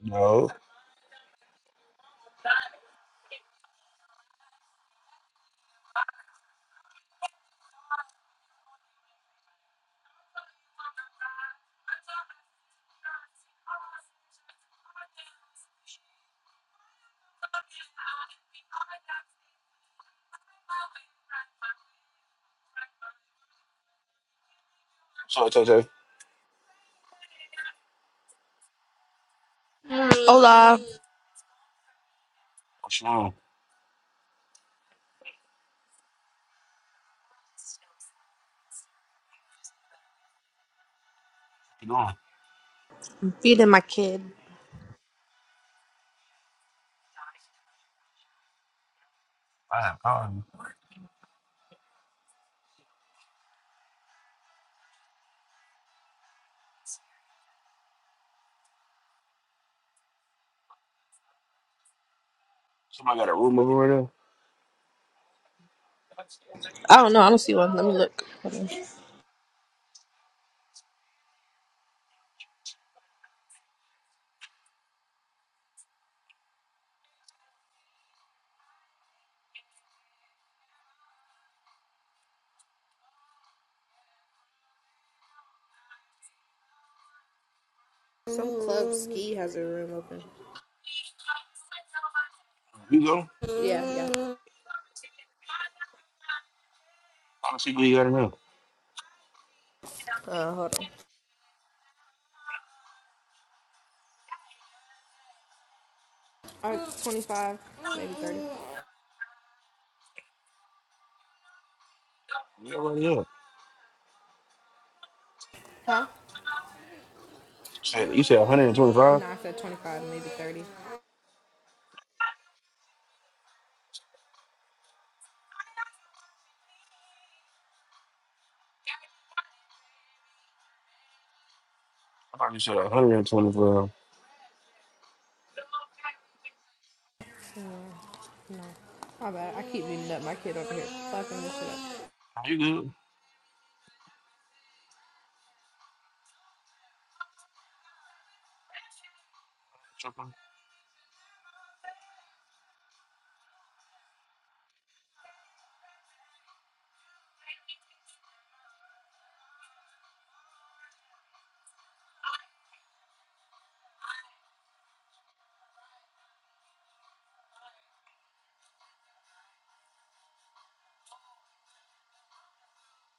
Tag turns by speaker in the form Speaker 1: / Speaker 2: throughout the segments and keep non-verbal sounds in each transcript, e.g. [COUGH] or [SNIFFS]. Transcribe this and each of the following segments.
Speaker 1: No. So JJ,
Speaker 2: Hola,
Speaker 1: what's wrong? What you doing?
Speaker 2: I'm feeding my kid.
Speaker 1: I am calling. Somebody got a room over right there.
Speaker 2: I don't know. I don't see one. Let me look. Hold on. Some club ski has a room open.
Speaker 1: You go.
Speaker 2: Yeah, yeah.
Speaker 1: I don't see what you got in there.
Speaker 2: Uh, hold on. Or 25, maybe 30.
Speaker 1: Yeah, right here. You
Speaker 2: Huh?
Speaker 1: said you said 125.
Speaker 2: Nah, I said 25, maybe 30.
Speaker 1: I thought you said 125.
Speaker 2: No. My bad. I keep beating up my kid over here. Fucking this shit up.
Speaker 1: You good? Tripping.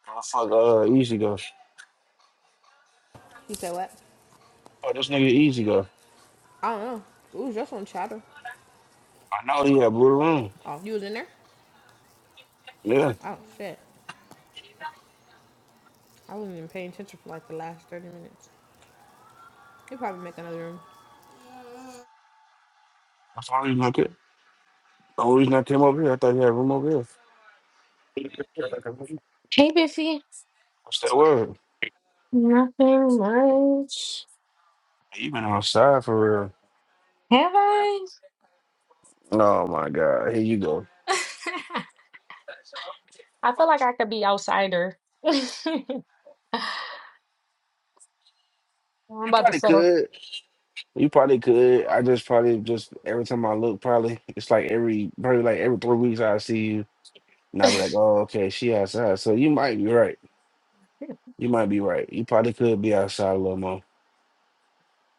Speaker 1: Oh, fuck, uh, easy go.
Speaker 2: You said what?
Speaker 1: Oh, this nigga easy though.
Speaker 2: I don't know. It was just on chatter.
Speaker 1: I know he had blue room.
Speaker 2: Oh, you was in there?
Speaker 1: Yeah.
Speaker 2: Oh, shit. I wasn't even paying attention for like the last 30 minutes. You probably make another room.
Speaker 1: That's the only reason I could. The only reason I came over here, I thought he had room over here.
Speaker 3: Hey, Biffy.
Speaker 1: What's that word?
Speaker 3: Yes.
Speaker 1: You been outside for real.
Speaker 3: Yeah.
Speaker 1: Oh my god. Here you go.
Speaker 3: I thought
Speaker 1: You probably could. You probably could. I just probably just every time I look, probably it's like every probably like every three weeks I see you, and I be like, oh okay, she outside. So you might be right. You might be right. You probably could be outside a little more.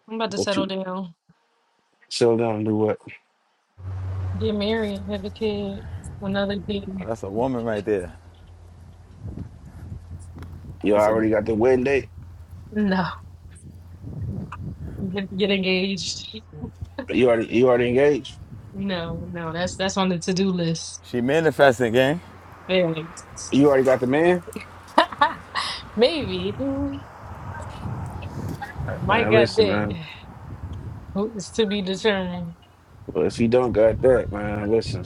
Speaker 3: I'm about to
Speaker 1: But
Speaker 3: settle
Speaker 1: you
Speaker 3: down,
Speaker 1: settle down and do what?
Speaker 3: get married, have a kid, another
Speaker 4: Oh,
Speaker 3: kid.
Speaker 4: that's a woman right there.
Speaker 1: You
Speaker 4: That's a
Speaker 1: already got the wedding date.
Speaker 3: No, get, get engaged.
Speaker 1: You already you already engaged.
Speaker 3: No, no, that's that's on the to do list.
Speaker 4: she manifesting, gang.
Speaker 3: Families.
Speaker 1: You already got the man?
Speaker 3: [LAUGHS] Maybe.
Speaker 1: All right,
Speaker 3: Might
Speaker 1: Man,
Speaker 3: got
Speaker 1: listen, man.
Speaker 3: that. It's to be determined.
Speaker 1: Well, if you don't got that, man, listen.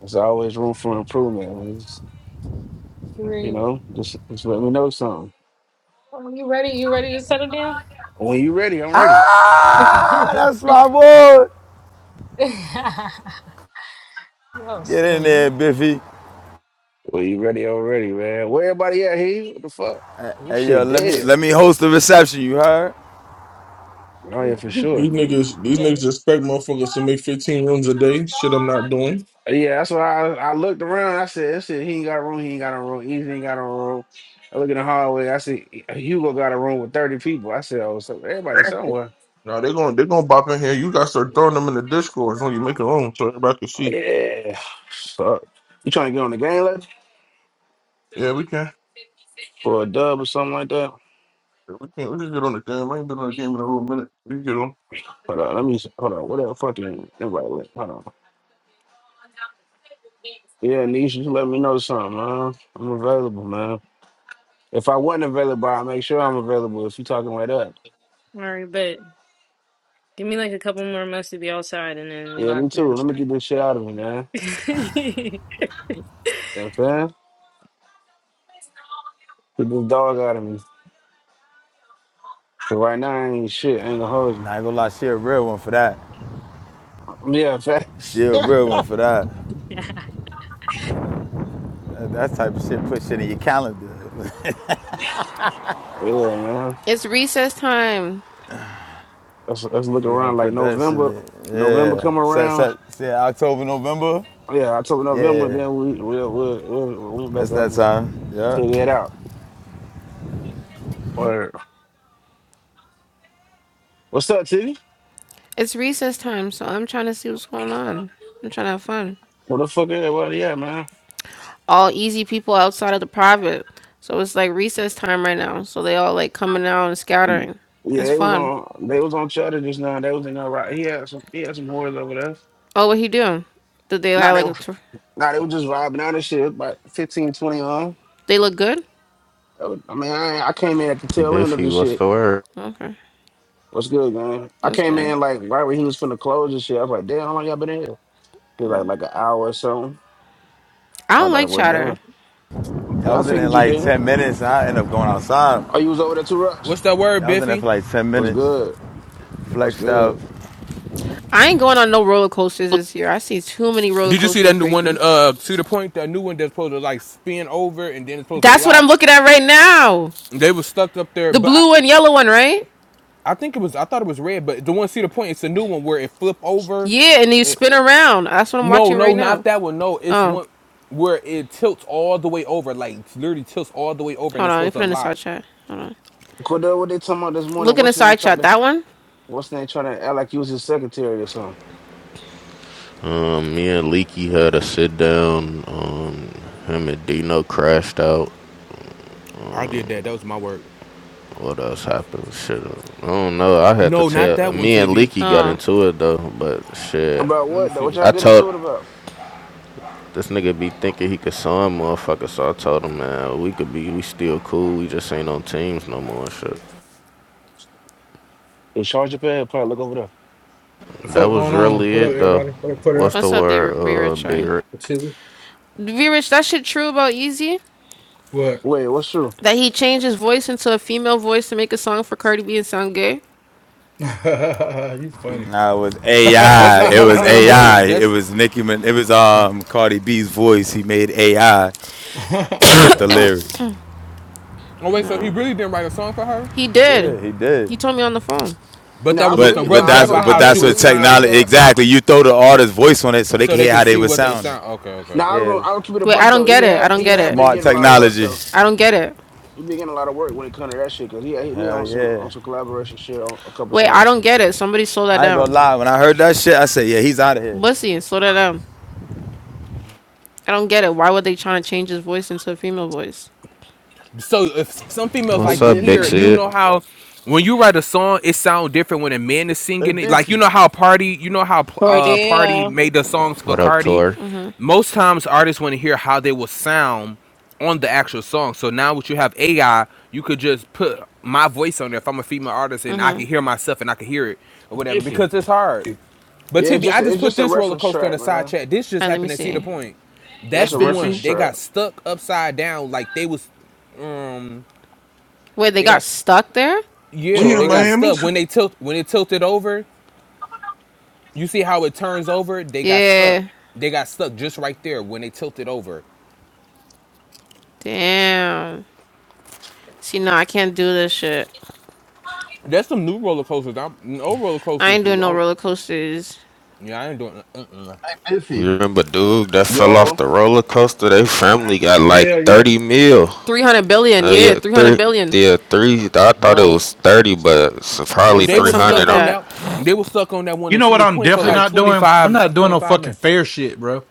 Speaker 1: There's always room for improvement. Well, It's- you
Speaker 3: Great.
Speaker 1: know, just, just let me know something.
Speaker 3: Are you ready? You ready to settle down?
Speaker 1: When you ready, I'm ready.
Speaker 3: [LAUGHS]
Speaker 4: Ah, that's my boy.
Speaker 3: oh,
Speaker 4: Get in there,
Speaker 3: silly.
Speaker 4: Biffy.
Speaker 1: When you ready, I'm ready, man. Where everybody at here? What the fuck? This
Speaker 4: Hey yo,
Speaker 1: shit
Speaker 4: let me
Speaker 1: dead.
Speaker 4: let me host the reception. You heard?
Speaker 3: [LAUGHS]
Speaker 1: Oh yeah, for sure.
Speaker 5: These niggas, these
Speaker 3: Okay.
Speaker 5: niggas expect motherfuckers to make 15 rooms a day. Shit, I'm not doing.
Speaker 1: Uh, Yeah, that's why I, I looked around. I said, "This shit, he ain't got a room. He ain't got a room. Easy ain't got a room." I look in the hallway. I see uh, Hugo got a room with thirty people. I said, "Oh, so everybody somewhere."
Speaker 5: Now they're gonna they're gonna bop in here. You gotta start throwing them in the Discord when you make your own, so everybody can see.
Speaker 1: Yeah. Fuck. You trying to get on the game, lad?
Speaker 5: Yeah, we can.
Speaker 1: For a dub or something like that?
Speaker 5: We can. We can get on the game. I ain't been on the game in a little minute. We can get on.
Speaker 1: Hold on, let me hold on. What the fucking everybody let- hold on. Yeah, Nisha, just let me know something, man. I'm available, man. If I wasn't available, I'll make sure I'm available if you talking like that.
Speaker 3: All right, but. Give me like a couple more months to be outside and then we
Speaker 1: Yeah,
Speaker 3: lock
Speaker 1: me too.
Speaker 3: in.
Speaker 1: Let me get this shit out of me, man.
Speaker 3: [LAUGHS]
Speaker 1: You know what I'm saying? Get this dog out of me. So right now I ain't shit. I ain't gonna hold
Speaker 4: Nah, I ain't gonna lie, she a real one for that.
Speaker 1: you. Yeah,
Speaker 4: She
Speaker 1: facts. [LAUGHS]
Speaker 4: a
Speaker 1: yeah,
Speaker 4: real one for that. That, that type of shit. Put shit in your calendar.
Speaker 1: man.
Speaker 6: It's recess time.
Speaker 1: Let's, let's look
Speaker 4: [LAUGHS] you gotta
Speaker 1: around like
Speaker 4: put that shit in.
Speaker 1: November. November
Speaker 4: Yeah.
Speaker 1: come
Speaker 4: Set
Speaker 1: around.
Speaker 4: set. set October, November.
Speaker 1: Yeah, October, November,
Speaker 4: Yeah.
Speaker 1: then we we'll we'll, we'll, we'll back
Speaker 4: That's
Speaker 1: up
Speaker 4: that
Speaker 1: and
Speaker 4: time. Yeah.
Speaker 1: figure it out. Or what's up, Titty?
Speaker 6: It's recess time, so I'm trying to see what's going on. I'm trying to have fun.
Speaker 1: What the fuck everybody at, man?
Speaker 6: All easy people outside of the private. So it's like recess time right now. So they all like coming out and scattering.
Speaker 1: Yeah,
Speaker 6: It's
Speaker 1: they was
Speaker 6: fun.
Speaker 1: on they was on Cheddar just now. They was in there right. He had some he had some whores over there.
Speaker 6: Oh, what he doing? Did they
Speaker 1: Nah,
Speaker 6: have
Speaker 1: they
Speaker 6: like
Speaker 1: were
Speaker 6: a tour?
Speaker 1: nah, they were just vibing out and shit. About 15 20 on.
Speaker 6: They look good?
Speaker 1: That was- I mean, I, I came in at the tail end of
Speaker 7: Biffy,
Speaker 1: the
Speaker 7: what's
Speaker 1: shit.
Speaker 7: the word?
Speaker 6: Okay.
Speaker 1: What's good, man? I
Speaker 6: That's
Speaker 1: came
Speaker 6: good.
Speaker 1: in like right when he was finna close and shit. I was like, damn, how long y'all been in here? He was like like an hour or something.
Speaker 6: I
Speaker 1: I was
Speaker 6: don't
Speaker 1: like,
Speaker 6: like
Speaker 1: well,
Speaker 6: chatter.
Speaker 1: damn.
Speaker 4: I
Speaker 1: Yeah, I
Speaker 4: was in there
Speaker 1: figured you
Speaker 4: like
Speaker 1: did.
Speaker 4: 10 minutes. and I ended up going outside.
Speaker 1: Oh, you was over there too, Rush?
Speaker 8: What's that word,
Speaker 4: I was in there
Speaker 8: Biffy?
Speaker 4: for like 10
Speaker 1: What's
Speaker 4: minutes.
Speaker 1: good? What's
Speaker 4: Flexed
Speaker 1: good?
Speaker 4: out.
Speaker 6: I ain't going on no roller coasters this year. I see too many roller
Speaker 8: Did you see
Speaker 6: coasters
Speaker 8: that new one? that,
Speaker 6: breaking.
Speaker 8: Uh, Cedar Point, that new one that's supposed to like spin over and then it's supposed to
Speaker 6: That's what I'm
Speaker 8: lock.
Speaker 6: looking at right now.
Speaker 8: They was stuck up there,
Speaker 6: The
Speaker 8: but I,
Speaker 6: blue and yellow one, right?
Speaker 8: I think it was. I thought it was red, but the one Cedar Point, it's a new one where it flip over.
Speaker 6: Yeah, and you
Speaker 8: It-
Speaker 6: spin around. That's what I'm
Speaker 8: no,
Speaker 6: watching
Speaker 8: no,
Speaker 6: right
Speaker 8: not
Speaker 6: now.
Speaker 8: that one. No, it's
Speaker 6: Oh.
Speaker 8: one where it tilts all the way over, like it's literally tilts all the way over, and
Speaker 6: Hold
Speaker 8: it's
Speaker 6: on, let me
Speaker 8: supposed
Speaker 6: put
Speaker 8: to
Speaker 6: it in the
Speaker 8: lock.
Speaker 6: side chat. Hold on.
Speaker 1: Cordell, what they talking about this morning?
Speaker 6: Look in the
Speaker 1: What's name
Speaker 6: side
Speaker 1: trying
Speaker 6: chat.
Speaker 1: to
Speaker 6: That one?
Speaker 1: what's name trying to act like he was his secretary or something?
Speaker 7: Um, me and Leaky had a sit down. Um, him and Dino crashed out.
Speaker 8: I did that. That was my work.
Speaker 7: What else happened? Shit, I don't know. I had to
Speaker 8: No, not
Speaker 7: tell.
Speaker 8: that one,
Speaker 7: Me and
Speaker 8: Tivy.
Speaker 7: Leaky got
Speaker 6: Oh.
Speaker 7: into it though, but shit,
Speaker 1: About
Speaker 8: Let me
Speaker 1: what though?
Speaker 8: see
Speaker 1: What
Speaker 8: this.
Speaker 1: y'all
Speaker 7: I
Speaker 1: getting
Speaker 7: told
Speaker 1: into it about?
Speaker 7: this nigga be thinking he could sign motherfucker. So I told him, man, we could be, we still cool. We just ain't on teams no more. and Shit,
Speaker 1: In charge of pad, probably look over there.
Speaker 9: The
Speaker 7: that
Speaker 9: fuck
Speaker 7: was
Speaker 9: going on?
Speaker 7: really
Speaker 9: What up,
Speaker 7: it though.
Speaker 9: everybody? What up, put
Speaker 7: What's
Speaker 9: up?
Speaker 7: the
Speaker 6: What's up, D
Speaker 7: word?
Speaker 6: B
Speaker 7: Uh,
Speaker 6: Rich?
Speaker 7: Big.
Speaker 6: Sorry.
Speaker 7: Rick?
Speaker 9: What chillin'?
Speaker 6: B Rich, that shit true about Easy?
Speaker 9: What?
Speaker 1: Wait, what's true?
Speaker 6: That he changed his voice into a female voice to make a song for Cardi B and sound gay?
Speaker 9: [LAUGHS] you funny.
Speaker 4: No, it was
Speaker 9: [LAUGHS]
Speaker 8: That's
Speaker 4: AI.
Speaker 8: what
Speaker 4: It
Speaker 8: most
Speaker 4: was
Speaker 8: men
Speaker 4: AI.
Speaker 8: do.
Speaker 4: It
Speaker 8: That's.
Speaker 4: was Nicki. it was um Cardi B's voice. He made AI to fit the lyrics.
Speaker 8: Oh wait, so he
Speaker 6: No.
Speaker 8: really didn't write a song for her?
Speaker 6: He did.
Speaker 4: Yeah, he did.
Speaker 6: He told me on the phone.
Speaker 8: But
Speaker 1: No,
Speaker 8: that
Speaker 1: I
Speaker 8: was just
Speaker 4: But
Speaker 8: a
Speaker 1: believe no,
Speaker 4: but
Speaker 8: rough
Speaker 1: I ain't
Speaker 4: that's
Speaker 8: draft
Speaker 1: gonna
Speaker 8: of
Speaker 1: lie,
Speaker 4: but
Speaker 1: I
Speaker 8: how
Speaker 1: do
Speaker 8: she
Speaker 4: that's what
Speaker 8: would
Speaker 1: believe him that he
Speaker 4: technology
Speaker 8: sound,
Speaker 1: got
Speaker 4: exactly. You throw the artist's voice on it so they
Speaker 8: so
Speaker 4: can
Speaker 8: they
Speaker 4: hear how
Speaker 8: could
Speaker 4: they
Speaker 8: see
Speaker 4: were
Speaker 8: what they would
Speaker 4: sounding.
Speaker 8: sound. Okay,
Speaker 1: No,
Speaker 8: okay.
Speaker 1: I'm gonna. I was
Speaker 4: Yes,
Speaker 1: gonna I'll keep it a
Speaker 6: Wait, I
Speaker 1: buck
Speaker 6: don't
Speaker 1: though. He
Speaker 6: get it. I
Speaker 1: have
Speaker 6: don't
Speaker 1: he
Speaker 6: get
Speaker 1: have been
Speaker 6: it.
Speaker 4: smart
Speaker 1: getting a lot of work
Speaker 4: technology.
Speaker 1: though.
Speaker 6: I don't get it.
Speaker 1: He been getting a lot of work when it comes to that shit because he hit me on
Speaker 4: Hell
Speaker 1: some
Speaker 4: yeah.
Speaker 1: on some collaboration shit on a couple
Speaker 6: Wait, I
Speaker 1: songs.
Speaker 6: don't get it. Somebody slow that
Speaker 4: I ain't gonna
Speaker 6: down.
Speaker 4: lie. When I heard that shit, I said, yeah, he's out of here.
Speaker 6: Bussy, slow that down. I don't get it. Why were they trying to change his voice into a female voice?
Speaker 8: So if some females
Speaker 10: Hey
Speaker 7: What's
Speaker 8: like to
Speaker 7: up, Big
Speaker 8: hear,
Speaker 10: Biffy.
Speaker 8: it, you
Speaker 7: Sid?
Speaker 8: know how when you write a song, it sound different when a man is
Speaker 10: Hey
Speaker 8: singing it. Like you
Speaker 10: Biffy.
Speaker 8: know how Party, you know how uh Party
Speaker 11: Cordia.
Speaker 8: made the songs for
Speaker 7: What up,
Speaker 8: Cardi.
Speaker 7: Tor?
Speaker 6: Mm-hmm.
Speaker 8: Most times artists want to hear how they will sound on the actual song. So now what you have AI, you could just put my voice on there if I'm a female artist
Speaker 6: Mm-hmm.
Speaker 8: and I can
Speaker 6: All
Speaker 8: hear myself and I can hear it or whatever
Speaker 10: Biffy,
Speaker 8: because it's hard. But
Speaker 1: Yeah, it's
Speaker 8: Tibby,
Speaker 1: just
Speaker 8: I
Speaker 1: a,
Speaker 8: just
Speaker 1: it's
Speaker 8: put
Speaker 1: just a
Speaker 8: this roller
Speaker 1: reference
Speaker 8: coaster in
Speaker 1: track,
Speaker 8: the side
Speaker 1: man.
Speaker 8: chat. This just
Speaker 6: right, let me
Speaker 8: happened at Cedar
Speaker 6: see.
Speaker 8: Point.
Speaker 10: Hey
Speaker 1: That's
Speaker 8: That's
Speaker 1: a
Speaker 8: the
Speaker 1: reference
Speaker 10: Biffy.
Speaker 8: one. They
Speaker 1: track.
Speaker 8: got stuck upside down, like they was, um,
Speaker 6: Wait, they
Speaker 8: they
Speaker 6: got
Speaker 8: got,
Speaker 6: stuck there?
Speaker 8: yeah,
Speaker 5: We in
Speaker 8: they got
Speaker 1: Tory.
Speaker 5: Miami.
Speaker 8: stuck when they tilt when it tilted over. You see how it turns over? They got stuck.
Speaker 6: Yeah.
Speaker 8: They got stuck just right there when they tilted over.
Speaker 6: Damn. See, no, I can't do this shit.
Speaker 8: That's some new roller coasters. I'm no roller
Speaker 6: I
Speaker 8: coasters.
Speaker 6: ain't
Speaker 8: I
Speaker 6: doing no
Speaker 8: don't-
Speaker 6: roller coasters.
Speaker 8: yeah, I ain't doing. Uh-uh.
Speaker 10: Hey Biffy.
Speaker 7: But dude, that fell off
Speaker 1: Yo.
Speaker 7: the roller coaster. They
Speaker 10: Hey, what a-
Speaker 7: family got
Speaker 9: Hell
Speaker 7: like
Speaker 9: yeah.
Speaker 7: thirty mil.
Speaker 6: 300 billion,
Speaker 7: Uh,
Speaker 6: yeah,
Speaker 7: yeah,
Speaker 6: 300
Speaker 7: three.
Speaker 6: billion.
Speaker 7: Yeah, three. I thought it
Speaker 8: Bro,
Speaker 7: was thirty, but it's
Speaker 8: bro,
Speaker 7: probably
Speaker 6: It's
Speaker 8: they
Speaker 6: like
Speaker 7: three
Speaker 8: was
Speaker 6: something
Speaker 7: hundred.
Speaker 8: stuck
Speaker 6: like
Speaker 7: I
Speaker 8: on
Speaker 6: that.
Speaker 8: that. They was stuck on that one
Speaker 9: You
Speaker 8: in
Speaker 9: know what
Speaker 8: Cedar
Speaker 9: I'm
Speaker 8: Point for
Speaker 9: definitely
Speaker 8: like
Speaker 9: not doing? I'm
Speaker 8: 25,
Speaker 9: not doing no
Speaker 8: 25
Speaker 9: fucking
Speaker 8: minutes.
Speaker 9: fair shit, bro.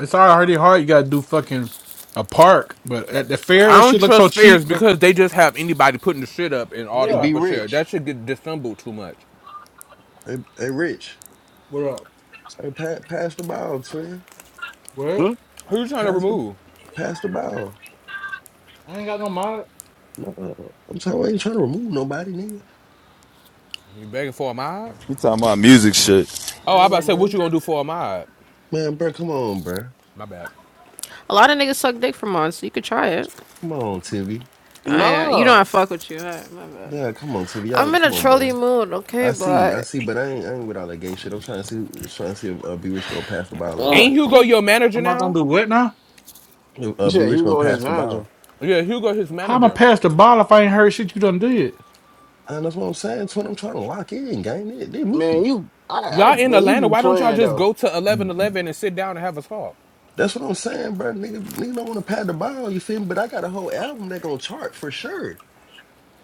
Speaker 9: It's already hard. You gotta do fucking a park, but at the fair,
Speaker 8: I
Speaker 9: that
Speaker 8: don't
Speaker 9: shit looks so
Speaker 8: trust
Speaker 9: cheap.
Speaker 8: fairs because they just have anybody putting the shit up and all
Speaker 10: hey
Speaker 9: Yeah.
Speaker 10: be
Speaker 8: type of shit.
Speaker 10: rich.
Speaker 8: That shit get dissembled too much.
Speaker 10: Hey, hey Rich.
Speaker 9: What up?
Speaker 10: Hey pa- pass the ball, twin.
Speaker 9: What?
Speaker 1: Hmm?
Speaker 8: Who you trying to
Speaker 10: Pass the
Speaker 8: remove?
Speaker 10: pass the ball.
Speaker 9: I ain't got no mind.
Speaker 10: No, I'm sorry, I ain't trying to remove nobody, nigga.
Speaker 8: You begging for a mod?
Speaker 4: We talking about music shit.
Speaker 8: Oh, I about to
Speaker 10: Yeah,
Speaker 8: say, what
Speaker 10: man.
Speaker 8: you gonna do for a mod?
Speaker 10: Man, bro, come on, bro.
Speaker 8: My bad.
Speaker 6: A lot of niggas suck dick for on, so you could try it.
Speaker 10: Come on, Tivy.
Speaker 6: I, uh, you know
Speaker 1: No.
Speaker 6: I fuck with you. Alright, my bad.
Speaker 10: Yeah, come on, Tivy.
Speaker 6: I'm
Speaker 10: Y'all
Speaker 6: in a
Speaker 10: come on,
Speaker 6: trolley
Speaker 10: bro.
Speaker 6: mood,
Speaker 10: I
Speaker 6: okay,
Speaker 10: see, I
Speaker 6: but.
Speaker 10: see, but I ain't I ain't with all that gay shit. I'm trying to see trying to see if uh, B Rich gonna pass the ball or
Speaker 6: [SNIFFS]
Speaker 8: Ain't
Speaker 10: not.
Speaker 8: Hugo your manager
Speaker 9: Am I gonna
Speaker 8: now?
Speaker 9: do what now?
Speaker 10: If,
Speaker 1: You
Speaker 10: Uh, B
Speaker 1: said
Speaker 10: Rich gonna
Speaker 1: Hugo his
Speaker 10: pass the
Speaker 1: manager.
Speaker 10: ball.
Speaker 8: Yeah, Hugo his
Speaker 9: How am I
Speaker 8: manager.
Speaker 9: pass the ball if I ain't heard shit you done did?
Speaker 10: And that's what I'm saying. That's what I'm trying to lock in, gang. They, they me.
Speaker 1: Man, you, I, I,
Speaker 8: Y'all in
Speaker 1: man, you
Speaker 8: Atlanta,
Speaker 1: be
Speaker 8: why don't y'all
Speaker 1: playing
Speaker 8: just
Speaker 1: though.
Speaker 8: go to 1111 and sit down and have a talk?
Speaker 10: That's what I'm saying, bro. Nigga, nigga don't want to pad the ball. you feel me? But I got a whole album that gonna chart for sure.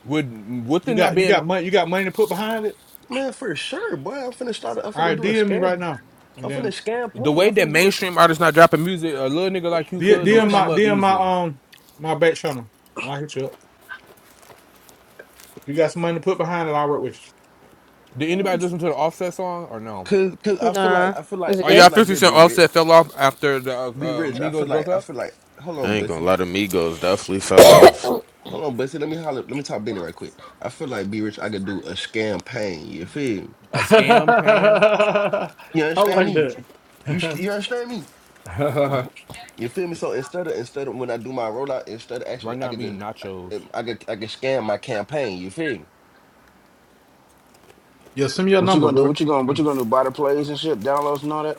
Speaker 8: Would with
Speaker 9: You
Speaker 8: it not
Speaker 9: got you
Speaker 8: being
Speaker 9: got money you got money to put behind it?
Speaker 10: Man, for sure, boy. I'm finna start a, I'm
Speaker 9: All
Speaker 10: finna
Speaker 9: right,
Speaker 10: do a
Speaker 9: DM me
Speaker 10: scam.
Speaker 9: right now. And
Speaker 10: I'm finna
Speaker 9: then.
Speaker 8: the
Speaker 10: campaign.
Speaker 8: way
Speaker 10: I'm
Speaker 8: that
Speaker 10: finna do a sc-
Speaker 8: mainstream artists not dropping music, a little nigga
Speaker 10: I'm
Speaker 8: like you
Speaker 10: finna
Speaker 9: DM,
Speaker 8: could
Speaker 10: do
Speaker 8: just
Speaker 10: a
Speaker 9: DM
Speaker 8: come
Speaker 9: my
Speaker 8: up
Speaker 9: DM my
Speaker 8: easily.
Speaker 9: um my back channel. I'll hit you up. If you got some money to put behind it, I'll work with
Speaker 8: Did anybody
Speaker 10: scam.
Speaker 8: listen to the offset song or no?
Speaker 10: Cause, cause I feel like
Speaker 6: Nah.
Speaker 10: I feel
Speaker 6: Is
Speaker 10: like
Speaker 6: it
Speaker 8: Oh
Speaker 10: I
Speaker 6: good?
Speaker 8: yeah,
Speaker 10: feel like
Speaker 8: Fifty
Speaker 10: they'd
Speaker 8: Cent
Speaker 10: be rich.
Speaker 8: Offset fell off after the uh,
Speaker 10: Be
Speaker 8: uh,
Speaker 10: rich. I feel
Speaker 8: Migos broke
Speaker 10: like I
Speaker 8: up.
Speaker 10: feel like hold on,
Speaker 7: ain't gonna
Speaker 10: Bussy.
Speaker 7: lie, the Migos definitely fell off.
Speaker 10: Hold on, Bussy. Let me holler. Let me talk Benny right quick. I feel like be rich, I could do a campaign, you feel me?
Speaker 9: [LAUGHS]
Speaker 8: A scam pain.
Speaker 9: I
Speaker 10: You understand
Speaker 9: like
Speaker 10: me?
Speaker 9: that.
Speaker 10: You
Speaker 9: [LAUGHS]
Speaker 10: sh- you understand me?
Speaker 9: you.
Speaker 10: You feel me? So instead of instead of when I do my rollout, instead of
Speaker 8: Right
Speaker 10: actually
Speaker 8: now
Speaker 10: I
Speaker 8: I'm
Speaker 10: could
Speaker 8: eating
Speaker 10: just
Speaker 8: nachos.
Speaker 10: I, I could I could scan my campaign. You feel me?
Speaker 9: [LAUGHS] Yo, send me your
Speaker 1: What you
Speaker 9: number,
Speaker 1: gonna do?
Speaker 9: bro.
Speaker 1: What you gonna, what you
Speaker 9: I
Speaker 1: gonna do? Buy the plays and shit, downloads and all that.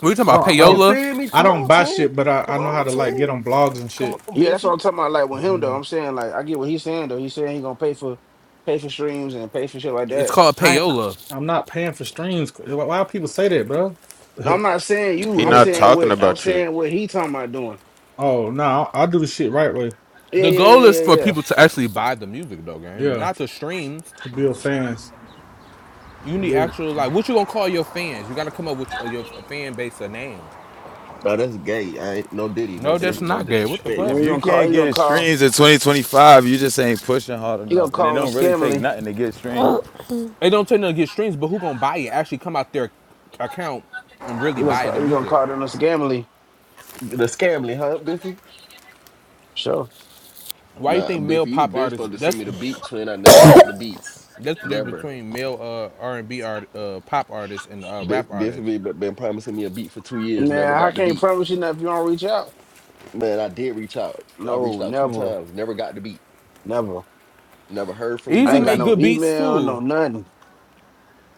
Speaker 8: We talking about
Speaker 9: don't I
Speaker 10: You
Speaker 9: don't
Speaker 8: payola.
Speaker 10: feel me?
Speaker 9: I
Speaker 10: Come
Speaker 9: don't
Speaker 10: on,
Speaker 9: buy
Speaker 10: twin.
Speaker 9: shit, but I,
Speaker 10: Come
Speaker 9: I know how
Speaker 10: on,
Speaker 9: to like get
Speaker 10: twin.
Speaker 9: on blogs and
Speaker 10: Come
Speaker 9: shit.
Speaker 10: on,
Speaker 1: Yeah, that's what
Speaker 10: Biffy.
Speaker 1: I'm talking about. Like with him though,
Speaker 9: Mhm.
Speaker 1: I'm saying like I get what he's saying though. He's saying he gonna pay for, pay for streams and pay for shit like
Speaker 8: It's
Speaker 1: that.
Speaker 8: called
Speaker 9: I
Speaker 8: payola.
Speaker 9: I'm not paying for streams. Why why people say that, bro? [LAUGHS]
Speaker 1: No, I'm not saying you.
Speaker 7: He
Speaker 1: I'm
Speaker 9: yeah.
Speaker 7: not
Speaker 1: saying
Speaker 7: talking
Speaker 1: what I'm
Speaker 7: about you.
Speaker 1: saying what he talking about doing.
Speaker 9: Oh no, I, I do the shit right way.
Speaker 1: Yeah,
Speaker 8: The
Speaker 1: yeah,
Speaker 8: goal
Speaker 1: yeah,
Speaker 8: is
Speaker 1: yeah,
Speaker 8: for
Speaker 1: yeah.
Speaker 8: people to actually buy the music though, game,
Speaker 9: Yeah,
Speaker 8: not the streams.
Speaker 9: to build fans.
Speaker 8: You need
Speaker 9: Yeah.
Speaker 8: actual like what you gonna call your fans? You gotta come up with your, your fan base a name.
Speaker 10: Oh, that's gay. I ain't no diddy, no
Speaker 8: No,
Speaker 4: If
Speaker 8: that's
Speaker 10: diddy, no
Speaker 8: not gay. What the
Speaker 10: disrespect.
Speaker 1: Man,
Speaker 8: fuck?
Speaker 4: if
Speaker 1: he
Speaker 4: you
Speaker 1: gonna call.
Speaker 4: can't
Speaker 1: He gonna
Speaker 4: get
Speaker 1: call.
Speaker 4: streams in 2025, you just ain't pushing hard
Speaker 1: He gonna
Speaker 4: enough. And it
Speaker 1: call him a
Speaker 4: don't really take nothing to get streams.
Speaker 8: It don't take nothing to get streams, but who gonna buy it? Actually, come out their account and really
Speaker 1: He gonna
Speaker 8: buy the
Speaker 1: call. He gonna
Speaker 8: music.
Speaker 1: call them a scammerly.
Speaker 10: The scamly, huh, Biffy?
Speaker 1: Sure.
Speaker 8: Why you
Speaker 10: Nah,
Speaker 8: think male
Speaker 10: Biffy, you
Speaker 8: pop
Speaker 10: been
Speaker 8: artists?
Speaker 10: supposed to send
Speaker 8: That's
Speaker 10: me the beat, twin. I never got the beats.
Speaker 8: That's the difference
Speaker 10: Never.
Speaker 8: between male uh, R and B art, uh, pop artists and uh,
Speaker 10: Biff,
Speaker 8: rap
Speaker 10: Biffy
Speaker 8: artists.
Speaker 10: be- been promising me a beat for two years,
Speaker 1: Man,
Speaker 10: never
Speaker 1: I
Speaker 10: got the
Speaker 1: can't
Speaker 10: beat.
Speaker 1: promise you nothing if you don't reach out.
Speaker 10: Man, I did reach out. I
Speaker 1: No,
Speaker 10: reached out two
Speaker 1: never,
Speaker 10: times, never got the beat.
Speaker 1: never.
Speaker 10: Never heard from you
Speaker 1: I
Speaker 8: Easy
Speaker 10: about
Speaker 1: ain't
Speaker 10: a
Speaker 1: got
Speaker 8: make
Speaker 10: beat.
Speaker 1: no
Speaker 8: good beats
Speaker 1: email, no
Speaker 8: too.
Speaker 1: nothing.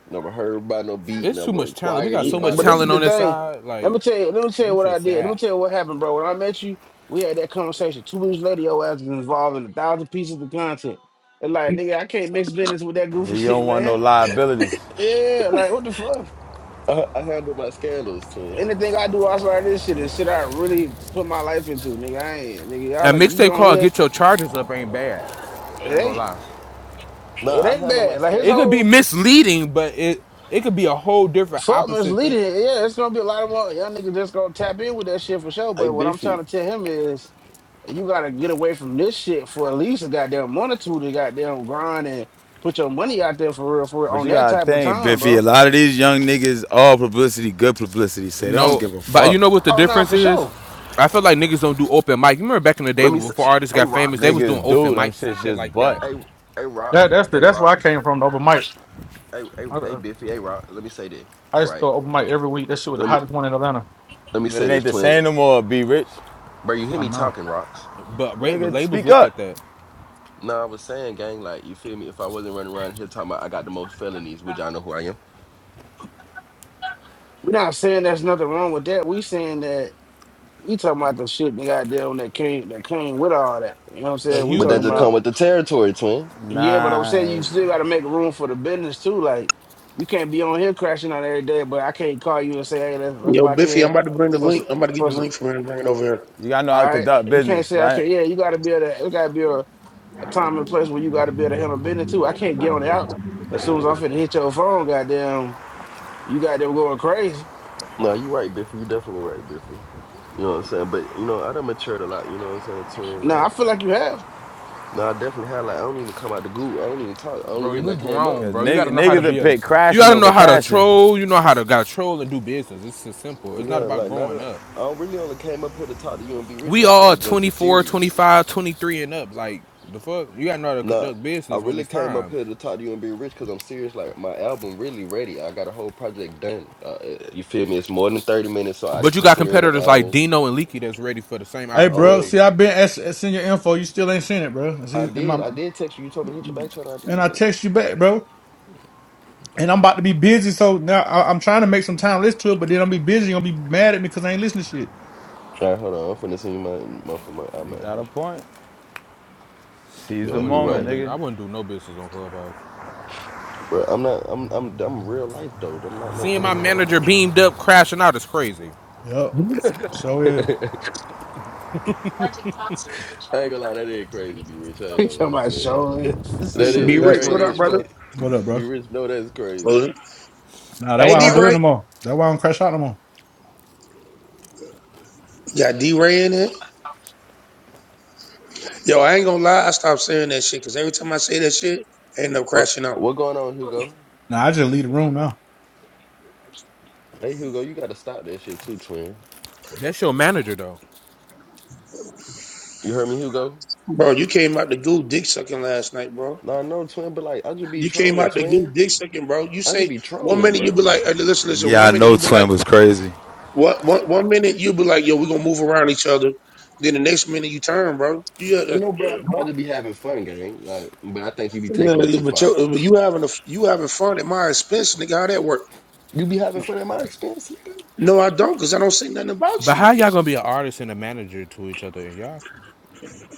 Speaker 10: Never heard by no beat.
Speaker 8: It's too
Speaker 10: Never
Speaker 8: much talent. We
Speaker 10: acquired
Speaker 8: got
Speaker 1: Eh,
Speaker 10: me
Speaker 8: so
Speaker 10: by
Speaker 8: much
Speaker 1: But
Speaker 10: no
Speaker 1: this is
Speaker 8: talent
Speaker 1: the
Speaker 10: beat.
Speaker 8: on this
Speaker 1: thing.
Speaker 8: side.
Speaker 1: Let
Speaker 8: Like
Speaker 1: me tell you. Let me tell you
Speaker 8: this
Speaker 1: what
Speaker 8: shit
Speaker 1: I did. Let me
Speaker 8: sad.
Speaker 1: tell you what happened, bro. When I met you, we had that conversation. Two weeks later, your ass was involved in a thousand pieces of content. And like, nigga, I can't mix business with that
Speaker 4: Yeah,
Speaker 1: goofy [LAUGHS]
Speaker 4: you
Speaker 1: shit,
Speaker 4: don't want no
Speaker 1: man.
Speaker 4: liabilities.
Speaker 1: Yeah, like what the fuck?
Speaker 10: I, I handle my scandals, twin.
Speaker 1: Anything I do outside of this shit is shit I really put my life into, nigga. I ain't, nigga.
Speaker 8: A
Speaker 1: Y'all like you
Speaker 8: mixtape
Speaker 1: on
Speaker 8: called
Speaker 1: here?
Speaker 8: "Get Your Charges Up" ain't bad.
Speaker 1: It
Speaker 8: I ain't gonna
Speaker 1: ain't.
Speaker 8: lie.
Speaker 1: It
Speaker 10: Nah, I
Speaker 1: ain't
Speaker 10: handle my
Speaker 1: bad. Like his
Speaker 8: It
Speaker 10: scandal.
Speaker 8: could be
Speaker 1: whole
Speaker 8: misleading, but it it could be a whole different
Speaker 1: Fuck
Speaker 8: opposite thing.
Speaker 1: misleading. Yeah, it's gonna be a lot of more young niggas that's gonna tap in with that shit for sure.
Speaker 10: Hey,
Speaker 1: But what I'm trying to
Speaker 10: Biffy.
Speaker 1: tell him is you gotta get away from this shit for at least a goddamn month or two to goddamn grind and put your money out there for real for real
Speaker 4: But
Speaker 1: on
Speaker 4: you
Speaker 1: that
Speaker 4: gotta
Speaker 1: type of
Speaker 4: think,
Speaker 1: time,
Speaker 4: Biffy, a
Speaker 1: bro.
Speaker 4: lot of these young niggas, all publicity, good publicity, say they don't
Speaker 8: No,
Speaker 4: give a
Speaker 8: but you know
Speaker 4: fuck.
Speaker 8: what the
Speaker 1: Oh nah,
Speaker 8: difference
Speaker 1: for
Speaker 8: is?
Speaker 1: sure.
Speaker 8: I feel like niggas don't do open mic. You remember back in the day
Speaker 10: Let me say.
Speaker 8: before artists
Speaker 10: Hey,
Speaker 8: got famous, they was
Speaker 10: Rocks.
Speaker 8: doing
Speaker 4: Niggas
Speaker 8: open
Speaker 4: do, them
Speaker 8: mics and
Speaker 4: shit's
Speaker 8: shit
Speaker 4: just
Speaker 8: like
Speaker 4: butt.
Speaker 8: that.
Speaker 10: Hey, hey, Rock.
Speaker 9: That that's the
Speaker 10: Hey,
Speaker 9: that's where I
Speaker 10: Rocks.
Speaker 9: came from. The open mic.
Speaker 10: Hey, hey, hey, Biffy. Hey, Rock. Let me say this.
Speaker 9: I used to
Speaker 10: Right.
Speaker 9: go open mic every week. That shit was the
Speaker 10: Let me
Speaker 9: hottest one in Atlanta.
Speaker 10: let me
Speaker 4: But it
Speaker 10: say this,
Speaker 4: ain't the
Speaker 10: twin.
Speaker 4: same no more, be rich.
Speaker 10: Bro, you hear
Speaker 9: I
Speaker 10: me
Speaker 9: know.
Speaker 10: talking, Rocks?
Speaker 8: But ra-
Speaker 4: Nigga,
Speaker 8: labels
Speaker 4: speak
Speaker 8: look
Speaker 4: up.
Speaker 8: at that.
Speaker 10: Nah, I was saying, gang. Like, you feel me? If I wasn't running around here talking about I got the most felonies, which I know who I am,
Speaker 1: We're not saying there's nothing wrong with that. We saying that we talking about the shit they goddamn that came that came with all that. You know what I'm
Speaker 8: The
Speaker 1: saying? We
Speaker 10: but
Speaker 8: Hugo
Speaker 10: that
Speaker 1: talking
Speaker 10: just come
Speaker 8: shit.
Speaker 1: about
Speaker 10: with the territory, twin.
Speaker 1: Yeah, but I'm saying
Speaker 4: Nah,
Speaker 1: you still got to make room for the business too. Like, you can't be on here crashing out every day, but I can't call you and say, "Hey, let's let's
Speaker 12: Yo,
Speaker 1: lock
Speaker 12: Biffy, I'm
Speaker 1: in
Speaker 12: about to bring the
Speaker 1: for
Speaker 12: link.
Speaker 1: some
Speaker 12: I'm about to get
Speaker 1: for
Speaker 12: the
Speaker 1: some."
Speaker 12: link from here and bring it over here.
Speaker 4: you gotta know how to
Speaker 1: All right,
Speaker 4: conduct
Speaker 1: you can't
Speaker 4: business,
Speaker 1: say I
Speaker 4: right?
Speaker 1: can't. Yeah, you got to be able. To, it got to be a, a time and place where you got to be able to handle business too. I can't get on the out as soon as I'm finna hit your phone. Goddamn, you got them going crazy.
Speaker 10: No, you right, Biffy. You definitely right, Biffy. You know what I'm saying? But you know, I done matured a lot, you know what I'm saying, twin?
Speaker 1: No, I
Speaker 10: Like
Speaker 1: feel like you have. [LAUGHS]
Speaker 10: no, I definitely had like I don't even come out the goo. I don't even talk. The only
Speaker 8: Bro,
Speaker 4: Cause,
Speaker 10: reason
Speaker 8: we
Speaker 10: I came up.
Speaker 8: grown,
Speaker 4: cause
Speaker 8: bro. You
Speaker 4: niggas,
Speaker 8: gotta know how
Speaker 4: niggas
Speaker 8: to
Speaker 4: that
Speaker 8: be a.
Speaker 4: pick
Speaker 8: You
Speaker 4: crashing
Speaker 8: gotta
Speaker 4: over
Speaker 8: know how to
Speaker 4: cashing.
Speaker 8: troll. You know how to gotta troll and do business. It's so simple. It's
Speaker 10: Yeah,
Speaker 8: not about
Speaker 10: like not
Speaker 8: growing
Speaker 10: that
Speaker 8: up.
Speaker 10: I don't really only came up here to talk to you and be rich,
Speaker 8: We
Speaker 10: like i
Speaker 8: all
Speaker 10: I'm just be
Speaker 8: 24, twenty
Speaker 10: serious.
Speaker 8: five, 23 and up. Like the fuck, you gotta know how to
Speaker 10: Nah.
Speaker 8: conduct
Speaker 10: I
Speaker 8: business when
Speaker 10: really
Speaker 8: it's
Speaker 10: came up
Speaker 8: time.
Speaker 10: here to talk to you and be rich because I'm serious. Like my album really ready. I got a whole project done. Uh, uh, you feel me? It's more than 30 minutes, so I
Speaker 8: But you got
Speaker 10: consider it an
Speaker 8: competitors like
Speaker 10: album.
Speaker 8: Dino and Leaky that's ready for the same
Speaker 10: I
Speaker 9: Hey, bro.
Speaker 10: own
Speaker 8: opportunity.
Speaker 9: See, I've been ask- send your info. You still ain't seen it, bro.
Speaker 10: I
Speaker 9: See, and my
Speaker 10: did. I did text you. You told me to hit your back channel. I
Speaker 9: and
Speaker 10: did,
Speaker 9: I text you back, bro.
Speaker 10: nigga.
Speaker 9: And I'm about to be busy, so now I, I'm trying to make some time to listen to it. But then I'm be busy. You're gonna be mad at me because I ain't listening to shit.
Speaker 10: All right, hold on. I'm finna send you my my for my
Speaker 4: You got a
Speaker 10: iMessage.
Speaker 4: point. Seize
Speaker 8: I
Speaker 4: the
Speaker 10: Yeah, he
Speaker 8: wouldn't do no
Speaker 4: moment,
Speaker 10: right,
Speaker 8: business.
Speaker 4: nigga.
Speaker 8: I wouldn't do no business on Clubhouse.
Speaker 10: bro. I'm not. I'm. I'm. I'm real life though. I'm not no
Speaker 8: Seeing my
Speaker 10: internet
Speaker 8: manager
Speaker 10: ass
Speaker 8: beamed up crashing out is crazy.
Speaker 10: nigga.
Speaker 9: Yup. So yeah,
Speaker 10: [LAUGHS] I ain't gonna lie. That is crazy. Be rich. I ain't
Speaker 1: He
Speaker 10: gonna
Speaker 1: talking
Speaker 10: lie to
Speaker 1: about
Speaker 10: that.
Speaker 1: showing [LAUGHS] this
Speaker 9: that
Speaker 10: That
Speaker 1: nigga
Speaker 9: shit
Speaker 12: D
Speaker 10: is
Speaker 1: view is
Speaker 9: fact.
Speaker 12: Rich, what
Speaker 1: funny
Speaker 12: up,
Speaker 1: as
Speaker 12: brother?
Speaker 10: crazy.
Speaker 1: fuck.
Speaker 9: What up,
Speaker 10: [LAUGHS] be
Speaker 9: bro?
Speaker 10: rich. No, that's crazy.
Speaker 12: Closing.
Speaker 9: Nah, that's
Speaker 12: Hey,
Speaker 9: why I
Speaker 12: D
Speaker 1: Yeah,
Speaker 9: don't
Speaker 1: I
Speaker 9: do it
Speaker 12: Ray.
Speaker 9: no
Speaker 1: do.
Speaker 9: more. That's why I don't crash out no more.
Speaker 12: You got D Ray in it? Yo, I ain't gonna lie. I stopped saying that shit because every time I say that shit, I end up
Speaker 10: What
Speaker 12: crashing out.
Speaker 10: What going on, Hugo?
Speaker 9: Nah, I just leave the room now.
Speaker 10: Hey, Hugo, you gotta stop that shit too, twin.
Speaker 8: That's your manager though.
Speaker 10: You heard me, Hugo?
Speaker 12: Bro, you came out the goo dick sucking last night, bro.
Speaker 10: Nah, no, twin. But like, I just be
Speaker 12: You came
Speaker 10: trolling,
Speaker 12: out the goo
Speaker 10: twin.
Speaker 12: dick sucking, bro. You
Speaker 10: I just
Speaker 12: say
Speaker 10: be
Speaker 12: one
Speaker 10: trolling,
Speaker 12: minute you be
Speaker 10: bro.
Speaker 12: like, hey, listen, listen.
Speaker 4: Yeah, I
Speaker 12: One minute
Speaker 4: know
Speaker 12: you be like,
Speaker 4: Twin was crazy.
Speaker 12: what? One, one minute you be like, yo, we gonna move around each other. Then the next minute you turn, bro. You gotta,
Speaker 10: No,
Speaker 12: yeah,
Speaker 10: bro. I
Speaker 12: bro.
Speaker 10: just be having fun, gang. Like, but I think you be
Speaker 12: Yeah,
Speaker 10: taking
Speaker 12: but,
Speaker 10: it too far.
Speaker 12: you, but you having a, you having fun at my expense, nigga. How that work?
Speaker 10: You be having fun at my expense, nigga.
Speaker 12: No, I don't, because I don't say nothing about
Speaker 8: But
Speaker 12: you.
Speaker 8: how y'all gonna be an artist and a manager to each other? And y'all,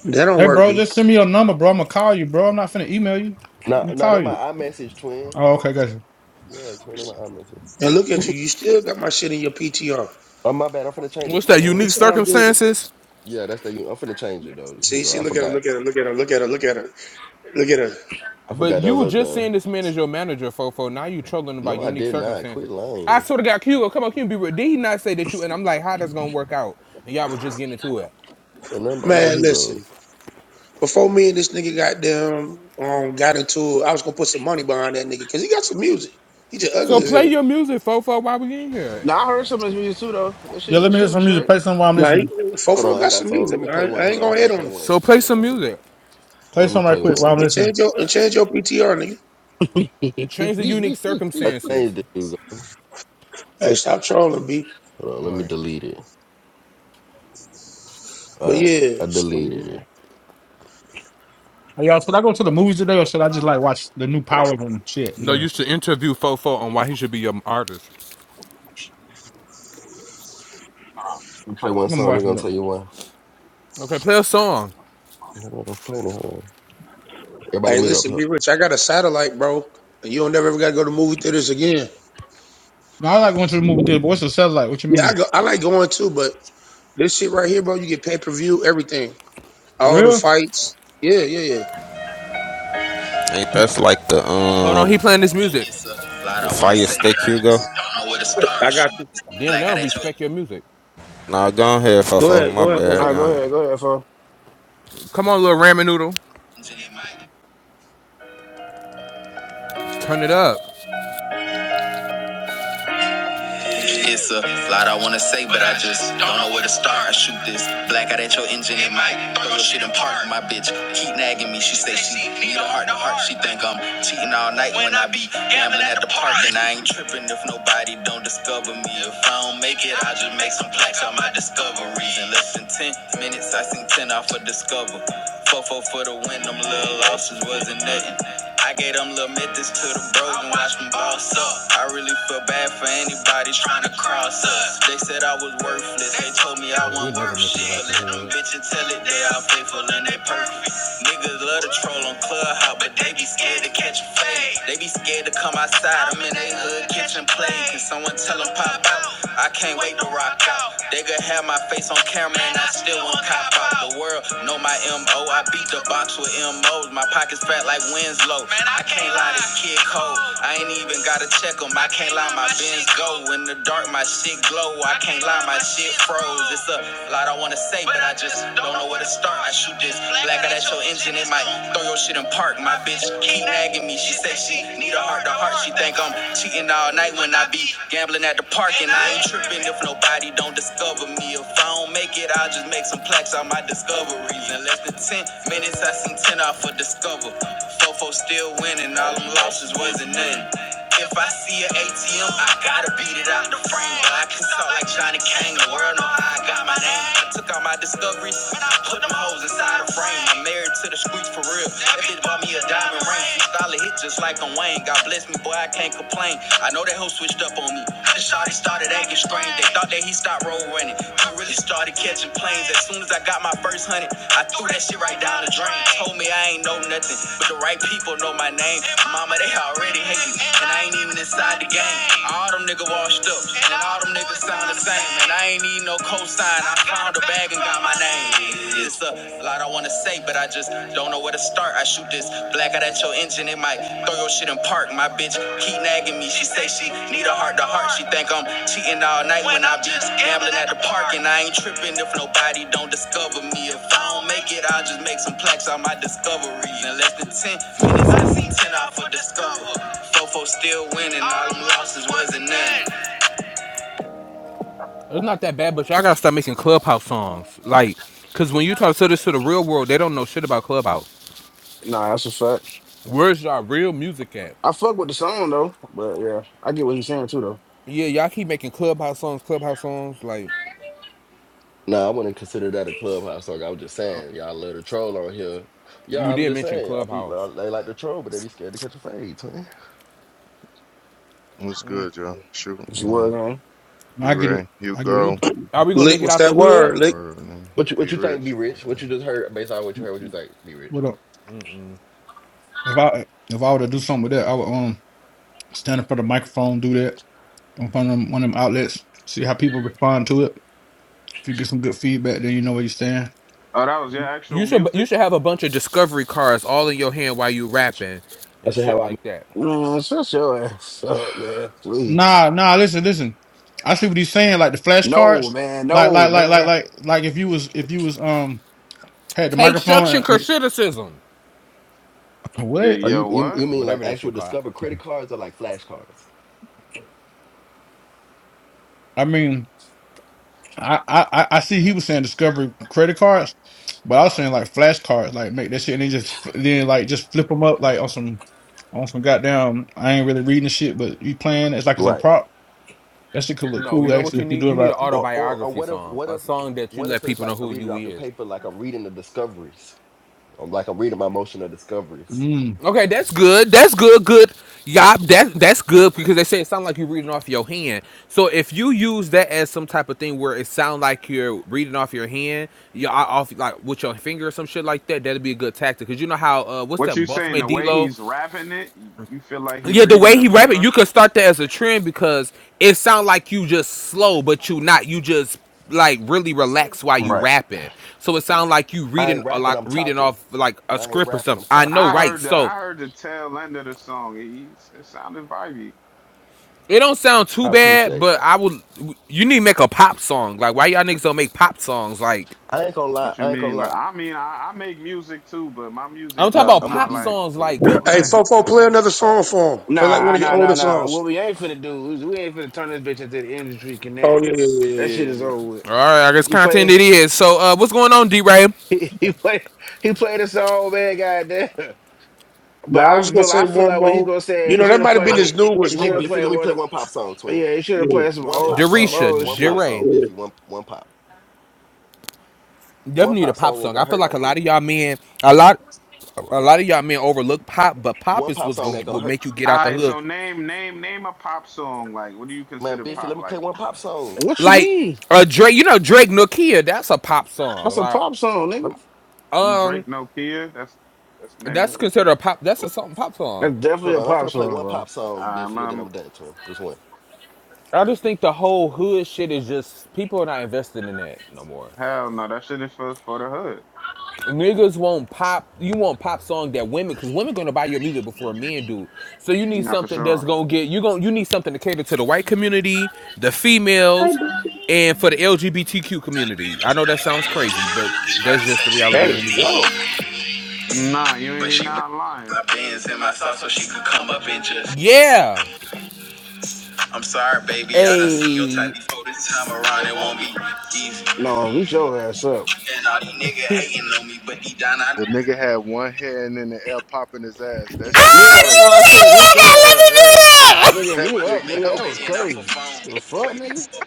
Speaker 12: That don't
Speaker 9: Hey,
Speaker 12: work,
Speaker 9: bro,
Speaker 12: B.
Speaker 9: just send me your number, bro. I'm gonna call you, bro. I'm not finna email you.
Speaker 10: Nah,
Speaker 9: I'm gonna
Speaker 10: nah,
Speaker 9: call
Speaker 10: that my
Speaker 9: you.
Speaker 10: iMessage twin.
Speaker 9: Oh,
Speaker 10: Uh,
Speaker 9: okay, gotcha.
Speaker 10: Yeah, twin, that my iMessage.
Speaker 12: And look at you. You still got my shit in your PTR.
Speaker 10: Oh my bad, I'm finna change it,
Speaker 8: what's that?
Speaker 10: twin. I
Speaker 8: Unique
Speaker 10: ain't.
Speaker 12: It's all good.
Speaker 8: circumstances.
Speaker 10: Yeah, that's the. I'm finna change it though.
Speaker 12: See,
Speaker 10: Hugo,
Speaker 12: see,
Speaker 10: I
Speaker 12: look at her,
Speaker 10: forgot.
Speaker 12: look at her, look at her, look at her, look at her, look at her.
Speaker 10: I
Speaker 8: But
Speaker 10: forgot that
Speaker 8: you
Speaker 10: was
Speaker 8: were
Speaker 10: up
Speaker 8: just
Speaker 10: the.
Speaker 8: saying this man is your manager, Fofo. Now you trolling about
Speaker 10: No, I
Speaker 8: unique
Speaker 10: did not. Quit
Speaker 8: circumstances. I
Speaker 10: lying.
Speaker 8: sort of got Hugo, come on, Cuban, be real. Did he not say that you? And I'm like, how that's gonna work out? And y'all was just getting into it.
Speaker 10: Ain't nothing by no
Speaker 12: Man, listen.
Speaker 10: Hugo.
Speaker 12: Before me and this nigga got them, um, got into it, I was gonna put some money behind that nigga because he got some music. He just
Speaker 8: So
Speaker 12: ugly as
Speaker 8: play
Speaker 12: hell.
Speaker 8: your music, Fofo, while we in here.
Speaker 1: Now I heard some of his music too though. That
Speaker 9: Yeah,
Speaker 1: shit, that
Speaker 9: let me hear
Speaker 1: shit was
Speaker 9: some music.
Speaker 1: straight.
Speaker 9: Play something while I'm listening.
Speaker 12: Like
Speaker 10: Hold
Speaker 12: Fofo
Speaker 10: on, I
Speaker 12: got
Speaker 10: got
Speaker 12: some
Speaker 10: some.
Speaker 12: music.
Speaker 10: Let me play
Speaker 12: I,
Speaker 10: one.
Speaker 12: I
Speaker 10: Hold
Speaker 12: ain't
Speaker 10: on, I'm
Speaker 12: gonna hit
Speaker 10: finna
Speaker 12: on
Speaker 10: play
Speaker 12: him.
Speaker 10: one.
Speaker 8: So play some
Speaker 10: Hold
Speaker 8: music.
Speaker 10: on,
Speaker 9: Play
Speaker 10: let me
Speaker 9: something right
Speaker 10: play
Speaker 9: quick while
Speaker 10: one.
Speaker 9: I'm
Speaker 12: And
Speaker 9: listening.
Speaker 12: change your and change your PTR, nigga.
Speaker 8: Change the
Speaker 1: [LAUGHS]
Speaker 8: unique
Speaker 10: I
Speaker 8: circumstances.
Speaker 10: changed it, Hugo.
Speaker 12: Hey, stop trolling, B.
Speaker 10: Hold on, let
Speaker 8: All
Speaker 10: me
Speaker 8: right.
Speaker 10: delete it. All
Speaker 12: But
Speaker 10: right,
Speaker 12: yeah,
Speaker 10: I deleted
Speaker 12: so-
Speaker 10: it.
Speaker 9: Hey, y'all, should I go to the movies today or should I just like watch the new Power and shit? You
Speaker 8: No, you
Speaker 9: know,
Speaker 8: should interview Fofo on why he should be your artist.
Speaker 10: If you play one
Speaker 9: I'm gonna
Speaker 10: song, they
Speaker 9: watch
Speaker 10: gonna
Speaker 9: it.
Speaker 10: tell you why.
Speaker 8: Okay, play a song.
Speaker 10: Hold on, I'm playing it. Hold on. Everybody
Speaker 12: Hey,
Speaker 10: mute up.
Speaker 12: listen,
Speaker 10: Huh?
Speaker 12: be rich. I got a satellite, bro. And you don't never ever gotta go to movie theaters again.
Speaker 9: No, I like going to the movie theater, but what's the satellite? What you
Speaker 12: Yeah, I
Speaker 9: mean?
Speaker 12: go. I like going too, but this shit right here, bro, you get pay per view, everything,
Speaker 9: For
Speaker 12: all the
Speaker 9: real?
Speaker 12: fights. Yeah, yeah, yeah.
Speaker 7: Ain't that's like the
Speaker 8: Hold on, he
Speaker 7: um
Speaker 8: playing this music.
Speaker 10: It's a lot
Speaker 7: the
Speaker 10: I wanna
Speaker 7: fire
Speaker 10: say, but
Speaker 7: stick
Speaker 10: I just
Speaker 7: Hugo?
Speaker 10: don't know where to
Speaker 12: I
Speaker 10: start. Shoot,
Speaker 12: got you.
Speaker 8: Damn, they
Speaker 10: black out
Speaker 8: don't
Speaker 10: at your
Speaker 8: respect your music.
Speaker 7: Nah, go ahead,
Speaker 12: Go
Speaker 7: Fofo.
Speaker 12: ahead,
Speaker 7: My
Speaker 12: go ahead,
Speaker 7: bad.
Speaker 1: All
Speaker 12: Fofo.
Speaker 7: Go
Speaker 1: right, go
Speaker 7: ahead.
Speaker 1: ahead, go ahead, fo.
Speaker 8: Come on, little ramen noodle.
Speaker 10: engine in my
Speaker 8: Turn it up.
Speaker 10: It's a lot I wanna say, but I just don't know where to start. I shoot this black out at your engine It might throw your shit in park. My bitch keep nagging me. She say she need a heart to heart. She think I'm cheating all night when I be gambling at the park. And I ain't tripping if nobody don't discover me. If I don't make it, I just make some plaques on my discoveries. In less than ten minutes, I seen ten off a discover. Fofo for the win, them little losses wasn't nothing. I gave them little methods to the bros and watch them boss up. I really feel bad for anybody trying to cross us. They said I was worthless. They told me
Speaker 8: Oh
Speaker 10: I
Speaker 8: yeah, we
Speaker 10: wasn't
Speaker 8: never
Speaker 10: worth
Speaker 8: making
Speaker 10: shit.
Speaker 8: it out
Speaker 10: But
Speaker 8: the
Speaker 10: let them
Speaker 8: hood.
Speaker 10: bitches tell it they all faithful and they perfect. Niggas love to troll on Clubhouse, but they be scared to catch a fade. They be scared to come outside. I'm in they hood kitchen play. Can someone tell them pop out? I can't wait to rock out. They could have my face on camera and I still won't cop out. The world know my MO. I beat the box with MOs. My pockets fat like Winslow. I can't lie, this kid cold. I ain't even gotta check him. I can't lie, my Benz go. In the dark, my shit glow. I can't lie, my shit froze. It's a lot I wanna say, but I just don't know where to start. I shoot this black out at that Crash your engine, it might throw your shit in park. My bitch keep nagging me. She say she need a heart to heart. She think I'm cheating all night when I be gambling at the park. And I ain't tripping if nobody don't discover me. If I don't make it, I'll just make some plaques on my discoveries. In less than 10 minutes, I seen 10 off for discover. Fofo still winning, all them losses wasn't nothing. If I see an ATM, I gotta beat it out the frame. But I can talk like Johnny Kane, the world know how I got my name. I took all my discoveries, put them hoes inside the frame. I'm married to the streets for real. That bitch bought me a diamond ring. She solid hit just like I'm Wayne. God bless me, boy, I can't complain. I know that hoe switched up on me. The shawty started acting strange. They thought that he stopped road running. He really she started catching planes. As soon as I got my first hundred, I threw that shit right down the drain. Told me I ain't know nothing, but the right people know my name. Mama, they already hate me, and I ain't even inside the game. All them niggas washed up, and all them niggas sound the same. And I ain't need no cosign. I found a bag and got my name. It's a lot I wanna say, but I just don't know where to start. I shoot this. Black out at your engine, it might throw your shit in park. My bitch keep nagging me. She say she need a heart to heart. She think I'm cheating all night when I be gambling at the park. And I ain't tripping if nobody don't discover me. If I don't make it, I'll just make some plaques on my discoveries. In less than 10 minutes, I see 10 off of discover. Fofo still winning, all them losses wasn't nothing.
Speaker 8: It's not that bad, but y'all gotta start making clubhouse songs. Like, cause when you talk to this to the real world, they don't know shit about clubhouse.
Speaker 1: Nah, that's a fact.
Speaker 8: Where's y'all real music at?
Speaker 1: I fuck with the song though, but yeah, I get what you're saying too though.
Speaker 8: Yeah, y'all keep making clubhouse songs, clubhouse songs. Like,
Speaker 10: Nah, I wouldn't consider that a clubhouse song. I was just saying, y'all love to troll on here. Yeah,
Speaker 8: you
Speaker 10: I'm
Speaker 8: did
Speaker 10: just
Speaker 8: mention
Speaker 10: saying, I be
Speaker 8: clubhouse.
Speaker 10: like, they like the troll, but they be scared to catch a fade, twin.
Speaker 13: What's good, y'all? Shoot,
Speaker 1: What you were
Speaker 13: well,
Speaker 1: man.
Speaker 9: No, I get it.
Speaker 13: D-Ray,
Speaker 9: I get it.
Speaker 8: You
Speaker 13: Hugo,
Speaker 8: are we gonna
Speaker 12: Lick,
Speaker 8: make it
Speaker 12: what's
Speaker 8: out
Speaker 12: that
Speaker 8: the hood?
Speaker 12: word?
Speaker 13: Star
Speaker 12: Lick.
Speaker 13: Word, and
Speaker 10: What you what you think be
Speaker 13: B-Rich.
Speaker 10: rich?
Speaker 13: Uh,
Speaker 10: What you just heard based on what you heard? What you think be rich?
Speaker 9: What up? If I if I were to do something with that, I would um stand in front of the microphone, do that in front of them, one of them outlets, see how people respond to it. If you get some good feedback, then you know where you stand.
Speaker 14: Oh, that was your actual
Speaker 8: You should you
Speaker 14: music?
Speaker 8: should have a bunch of discovery cards all in your hand while you rapping
Speaker 10: I
Speaker 8: and
Speaker 10: said
Speaker 8: shit
Speaker 10: how I'm.
Speaker 8: like that.
Speaker 1: Man, shut your [LAUGHS] ass up, man. Please.
Speaker 9: Nah, nah, listen, listen. I see what he's saying, like the
Speaker 1: No,
Speaker 9: flashcards.
Speaker 1: man.
Speaker 9: Like
Speaker 1: No,
Speaker 9: like like like
Speaker 1: man.
Speaker 9: like like if you was if you was um had the
Speaker 8: Take suction
Speaker 9: microphone
Speaker 8: criticism,
Speaker 14: Yeah,
Speaker 9: What?
Speaker 10: Oh,
Speaker 14: yeah,
Speaker 10: you you
Speaker 14: what?
Speaker 10: you mean like
Speaker 8: whatever that
Speaker 10: actual
Speaker 8: shit called.
Speaker 10: Discover credit cards or like flash cards?
Speaker 9: I mean, I, I I I see he was saying discovery credit cards, but I was saying like flashcards, like make that shit and then just fl- then like just flip them up like on some on some goddamn. I ain't really reading the shit, but you playing it's like it's a
Speaker 10: Right.
Speaker 9: prop. That shit could look
Speaker 8: No, you
Speaker 9: cool
Speaker 8: know what
Speaker 9: actually
Speaker 8: you
Speaker 9: if you
Speaker 8: need?
Speaker 9: do it
Speaker 8: You need
Speaker 9: like
Speaker 8: an
Speaker 10: Or or, or
Speaker 8: autobiography
Speaker 10: what if
Speaker 8: song,
Speaker 10: what
Speaker 8: a
Speaker 10: if
Speaker 8: song that you
Speaker 10: what if
Speaker 8: let
Speaker 10: it's
Speaker 8: people
Speaker 10: like
Speaker 8: know
Speaker 10: I
Speaker 8: who
Speaker 10: read it
Speaker 8: you
Speaker 10: off the
Speaker 8: is.
Speaker 10: paper like I'm reading the discoveries? I'm like I'm reading my motion of discoveries.
Speaker 9: mm.
Speaker 8: Okay, that's good. That's good. Good. Yeah, that that's good because they say it sounds like you're reading off your hand. So if you use that as some type of thing where it sounds like you're reading off your hand, yeah, off like with your finger or some shit like that, that'd be a good tactic. Cause you know how uh, what's
Speaker 14: What
Speaker 8: that
Speaker 14: you saying?
Speaker 8: Bossman
Speaker 14: The way
Speaker 8: D-Lo?
Speaker 14: he's rapping it, you, you feel like he
Speaker 8: Yeah, the
Speaker 14: reading
Speaker 8: way
Speaker 14: the
Speaker 8: he rap it,
Speaker 14: paper?
Speaker 8: you could start that as a trend because it sounds like you just slow, but you not. You just like really relax while you
Speaker 10: Right.
Speaker 8: rapping. So it sounds like you
Speaker 10: I
Speaker 8: reading
Speaker 10: ain't
Speaker 8: or
Speaker 10: rapping,
Speaker 8: like
Speaker 10: I'm
Speaker 8: reading
Speaker 10: talking.
Speaker 8: off like a
Speaker 10: I ain't
Speaker 8: script or
Speaker 10: rapping,
Speaker 8: something.
Speaker 10: I'm
Speaker 8: I know,
Speaker 10: talking.
Speaker 14: I
Speaker 8: right?
Speaker 14: heard the
Speaker 8: So
Speaker 14: I heard the tail end of the song. It, it sounded vibey.
Speaker 8: It don't sound too
Speaker 10: I
Speaker 8: bad,
Speaker 10: appreciate
Speaker 8: but
Speaker 10: that.
Speaker 8: I would. You need to make a pop song. Like, why y'all niggas don't make pop songs? Like,
Speaker 10: I ain't gonna lie.
Speaker 14: What you
Speaker 10: I ain't gonna
Speaker 14: mean? Like
Speaker 10: lie.
Speaker 14: I mean, I, I make music too, but my music
Speaker 8: I'm talking
Speaker 10: Nah,
Speaker 14: is
Speaker 8: about
Speaker 10: I'm gonna
Speaker 14: not
Speaker 8: pop
Speaker 10: be.
Speaker 14: like
Speaker 8: songs. Like, good.
Speaker 14: on
Speaker 12: Hey,
Speaker 14: that.
Speaker 8: good.
Speaker 14: You know
Speaker 12: Fofo,
Speaker 14: what I
Speaker 12: play
Speaker 14: mean?
Speaker 12: another
Speaker 10: Uh,
Speaker 12: song for him. Play like one
Speaker 1: Nah,
Speaker 12: of your
Speaker 1: nah,
Speaker 12: older
Speaker 1: nah, nah.
Speaker 12: songs.
Speaker 1: What we ain't finna do is we ain't finna turn this bitch into the industry
Speaker 12: Oh
Speaker 1: connect.
Speaker 12: yeah, yeah, yeah,
Speaker 1: That
Speaker 12: yeah.
Speaker 1: shit
Speaker 12: yeah.
Speaker 1: is
Speaker 12: yeah.
Speaker 1: over with.
Speaker 8: All right, I guess
Speaker 1: He
Speaker 8: content
Speaker 1: played.
Speaker 8: it
Speaker 1: [LAUGHS]
Speaker 8: is. So, uh, what's going on, D Ray?
Speaker 1: He, he played. He played a song, man. Goddamn.
Speaker 12: Now
Speaker 1: But
Speaker 12: I
Speaker 1: I
Speaker 12: was just gonna
Speaker 1: feel. I
Speaker 12: say
Speaker 1: feel
Speaker 12: one
Speaker 1: like what he
Speaker 12: more.
Speaker 1: gonna say.
Speaker 12: You
Speaker 1: He
Speaker 12: know
Speaker 1: should
Speaker 12: that
Speaker 1: have
Speaker 12: might have been
Speaker 10: let
Speaker 1: played.
Speaker 10: me.
Speaker 12: his
Speaker 10: Hey,
Speaker 1: He
Speaker 12: newest
Speaker 1: should
Speaker 10: hey,
Speaker 1: have
Speaker 12: one.
Speaker 10: Biffy,
Speaker 1: played
Speaker 10: let me
Speaker 1: one
Speaker 10: play
Speaker 1: of.
Speaker 10: one pop song, twin.
Speaker 1: Yeah, he should
Speaker 12: Yeah,
Speaker 1: have played some
Speaker 10: One
Speaker 1: old.
Speaker 10: pop
Speaker 1: Some
Speaker 10: song.
Speaker 1: old
Speaker 8: Derisha,
Speaker 10: One
Speaker 8: D
Speaker 10: pop
Speaker 1: shit.
Speaker 8: Ray.
Speaker 10: song,
Speaker 12: yeah.
Speaker 10: Biffy. One one pop. One
Speaker 8: Definitely need a
Speaker 10: pop
Speaker 8: pop
Speaker 10: song ain't
Speaker 8: song. I
Speaker 10: gonna
Speaker 8: feel
Speaker 10: hurt
Speaker 8: like a
Speaker 10: right
Speaker 8: lot
Speaker 10: quick.
Speaker 8: of y'all men, a lot, a lot of y'all men overlook pop, but pop
Speaker 10: One
Speaker 8: is
Speaker 10: pop
Speaker 8: what's
Speaker 10: song
Speaker 8: gonna
Speaker 10: ain't
Speaker 8: will
Speaker 10: gonna hurt.
Speaker 8: make you get out
Speaker 14: All
Speaker 8: the
Speaker 14: right,
Speaker 8: hood.
Speaker 14: so name name name a pop song. Like, what do you
Speaker 10: Man,
Speaker 14: consider
Speaker 10: Biffy, let
Speaker 14: pop?
Speaker 10: me play
Speaker 14: Like
Speaker 10: one pop song.
Speaker 1: What you
Speaker 8: Like,
Speaker 1: mean?
Speaker 8: uh, Drake. You know Drake Nokia. That's a pop song.
Speaker 1: That's a
Speaker 8: Like,
Speaker 1: pop song,
Speaker 10: Let
Speaker 1: nigga.
Speaker 10: me,
Speaker 8: um,
Speaker 14: Drake, No Kia. That's that's the name of
Speaker 8: that's
Speaker 14: it.
Speaker 8: considered a pop. That's a something pop song.
Speaker 1: That's definitely
Speaker 10: hold
Speaker 1: a
Speaker 10: on, I'm
Speaker 1: pop
Speaker 10: finna play
Speaker 1: song,
Speaker 10: one
Speaker 1: bro.
Speaker 10: pop song,
Speaker 14: Um,
Speaker 10: Biffy, and then I'm
Speaker 14: um,
Speaker 10: done, twin. Just one.
Speaker 8: I just think the whole hood shit is just people are not invested in that no more.
Speaker 14: hell no, that shit is for for the hood.
Speaker 8: Niggas won't pop. You want pop song that women, because women gonna buy your music before men do. So you need
Speaker 14: Not for
Speaker 8: something that's
Speaker 14: sure.
Speaker 8: gonna get you gonna you need something to cater to the white community, the
Speaker 15: Hi,
Speaker 8: females,
Speaker 15: Bill.
Speaker 8: and for the LGBTQ community. I know that sounds crazy, but
Speaker 10: This
Speaker 8: that's
Speaker 10: probably said
Speaker 8: just the
Speaker 10: she
Speaker 8: reality
Speaker 12: There
Speaker 8: of
Speaker 12: you
Speaker 8: music.
Speaker 12: go.
Speaker 14: Nah, you
Speaker 10: did,
Speaker 14: ain't
Speaker 10: but
Speaker 14: he
Speaker 10: she was
Speaker 14: not lying.
Speaker 10: my pants in my sauce so she could come up and just.
Speaker 8: Yeah,
Speaker 10: I'm sorry, baby, I done seen your type
Speaker 8: a.
Speaker 10: before this time around. It won't be easy.
Speaker 1: No, meet your ass up.
Speaker 10: And all these niggas hating on me, but deep down I know
Speaker 13: The nigga had one hand in the air popping his ass. That shit was
Speaker 8: Ah,
Speaker 1: Yeah, that's
Speaker 8: you
Speaker 1: why I
Speaker 13: crazy.
Speaker 10: I
Speaker 1: said meet
Speaker 10: done
Speaker 1: your
Speaker 10: Made a
Speaker 8: let me
Speaker 10: million
Speaker 8: do
Speaker 10: in
Speaker 1: ass.
Speaker 10: my
Speaker 1: Like,
Speaker 8: that! [LAUGHS]
Speaker 10: phone.
Speaker 1: nigga,
Speaker 10: They
Speaker 13: That
Speaker 1: mute
Speaker 10: watch
Speaker 13: nigga,
Speaker 10: me
Speaker 1: up,
Speaker 13: [LAUGHS]
Speaker 10: make
Speaker 1: nigga.
Speaker 10: a
Speaker 13: that
Speaker 1: That was
Speaker 13: was
Speaker 10: million off a
Speaker 1: crazy.
Speaker 13: crazy.
Speaker 10: phone.
Speaker 1: The fuck,
Speaker 10: Way
Speaker 1: nigga?
Speaker 10: before,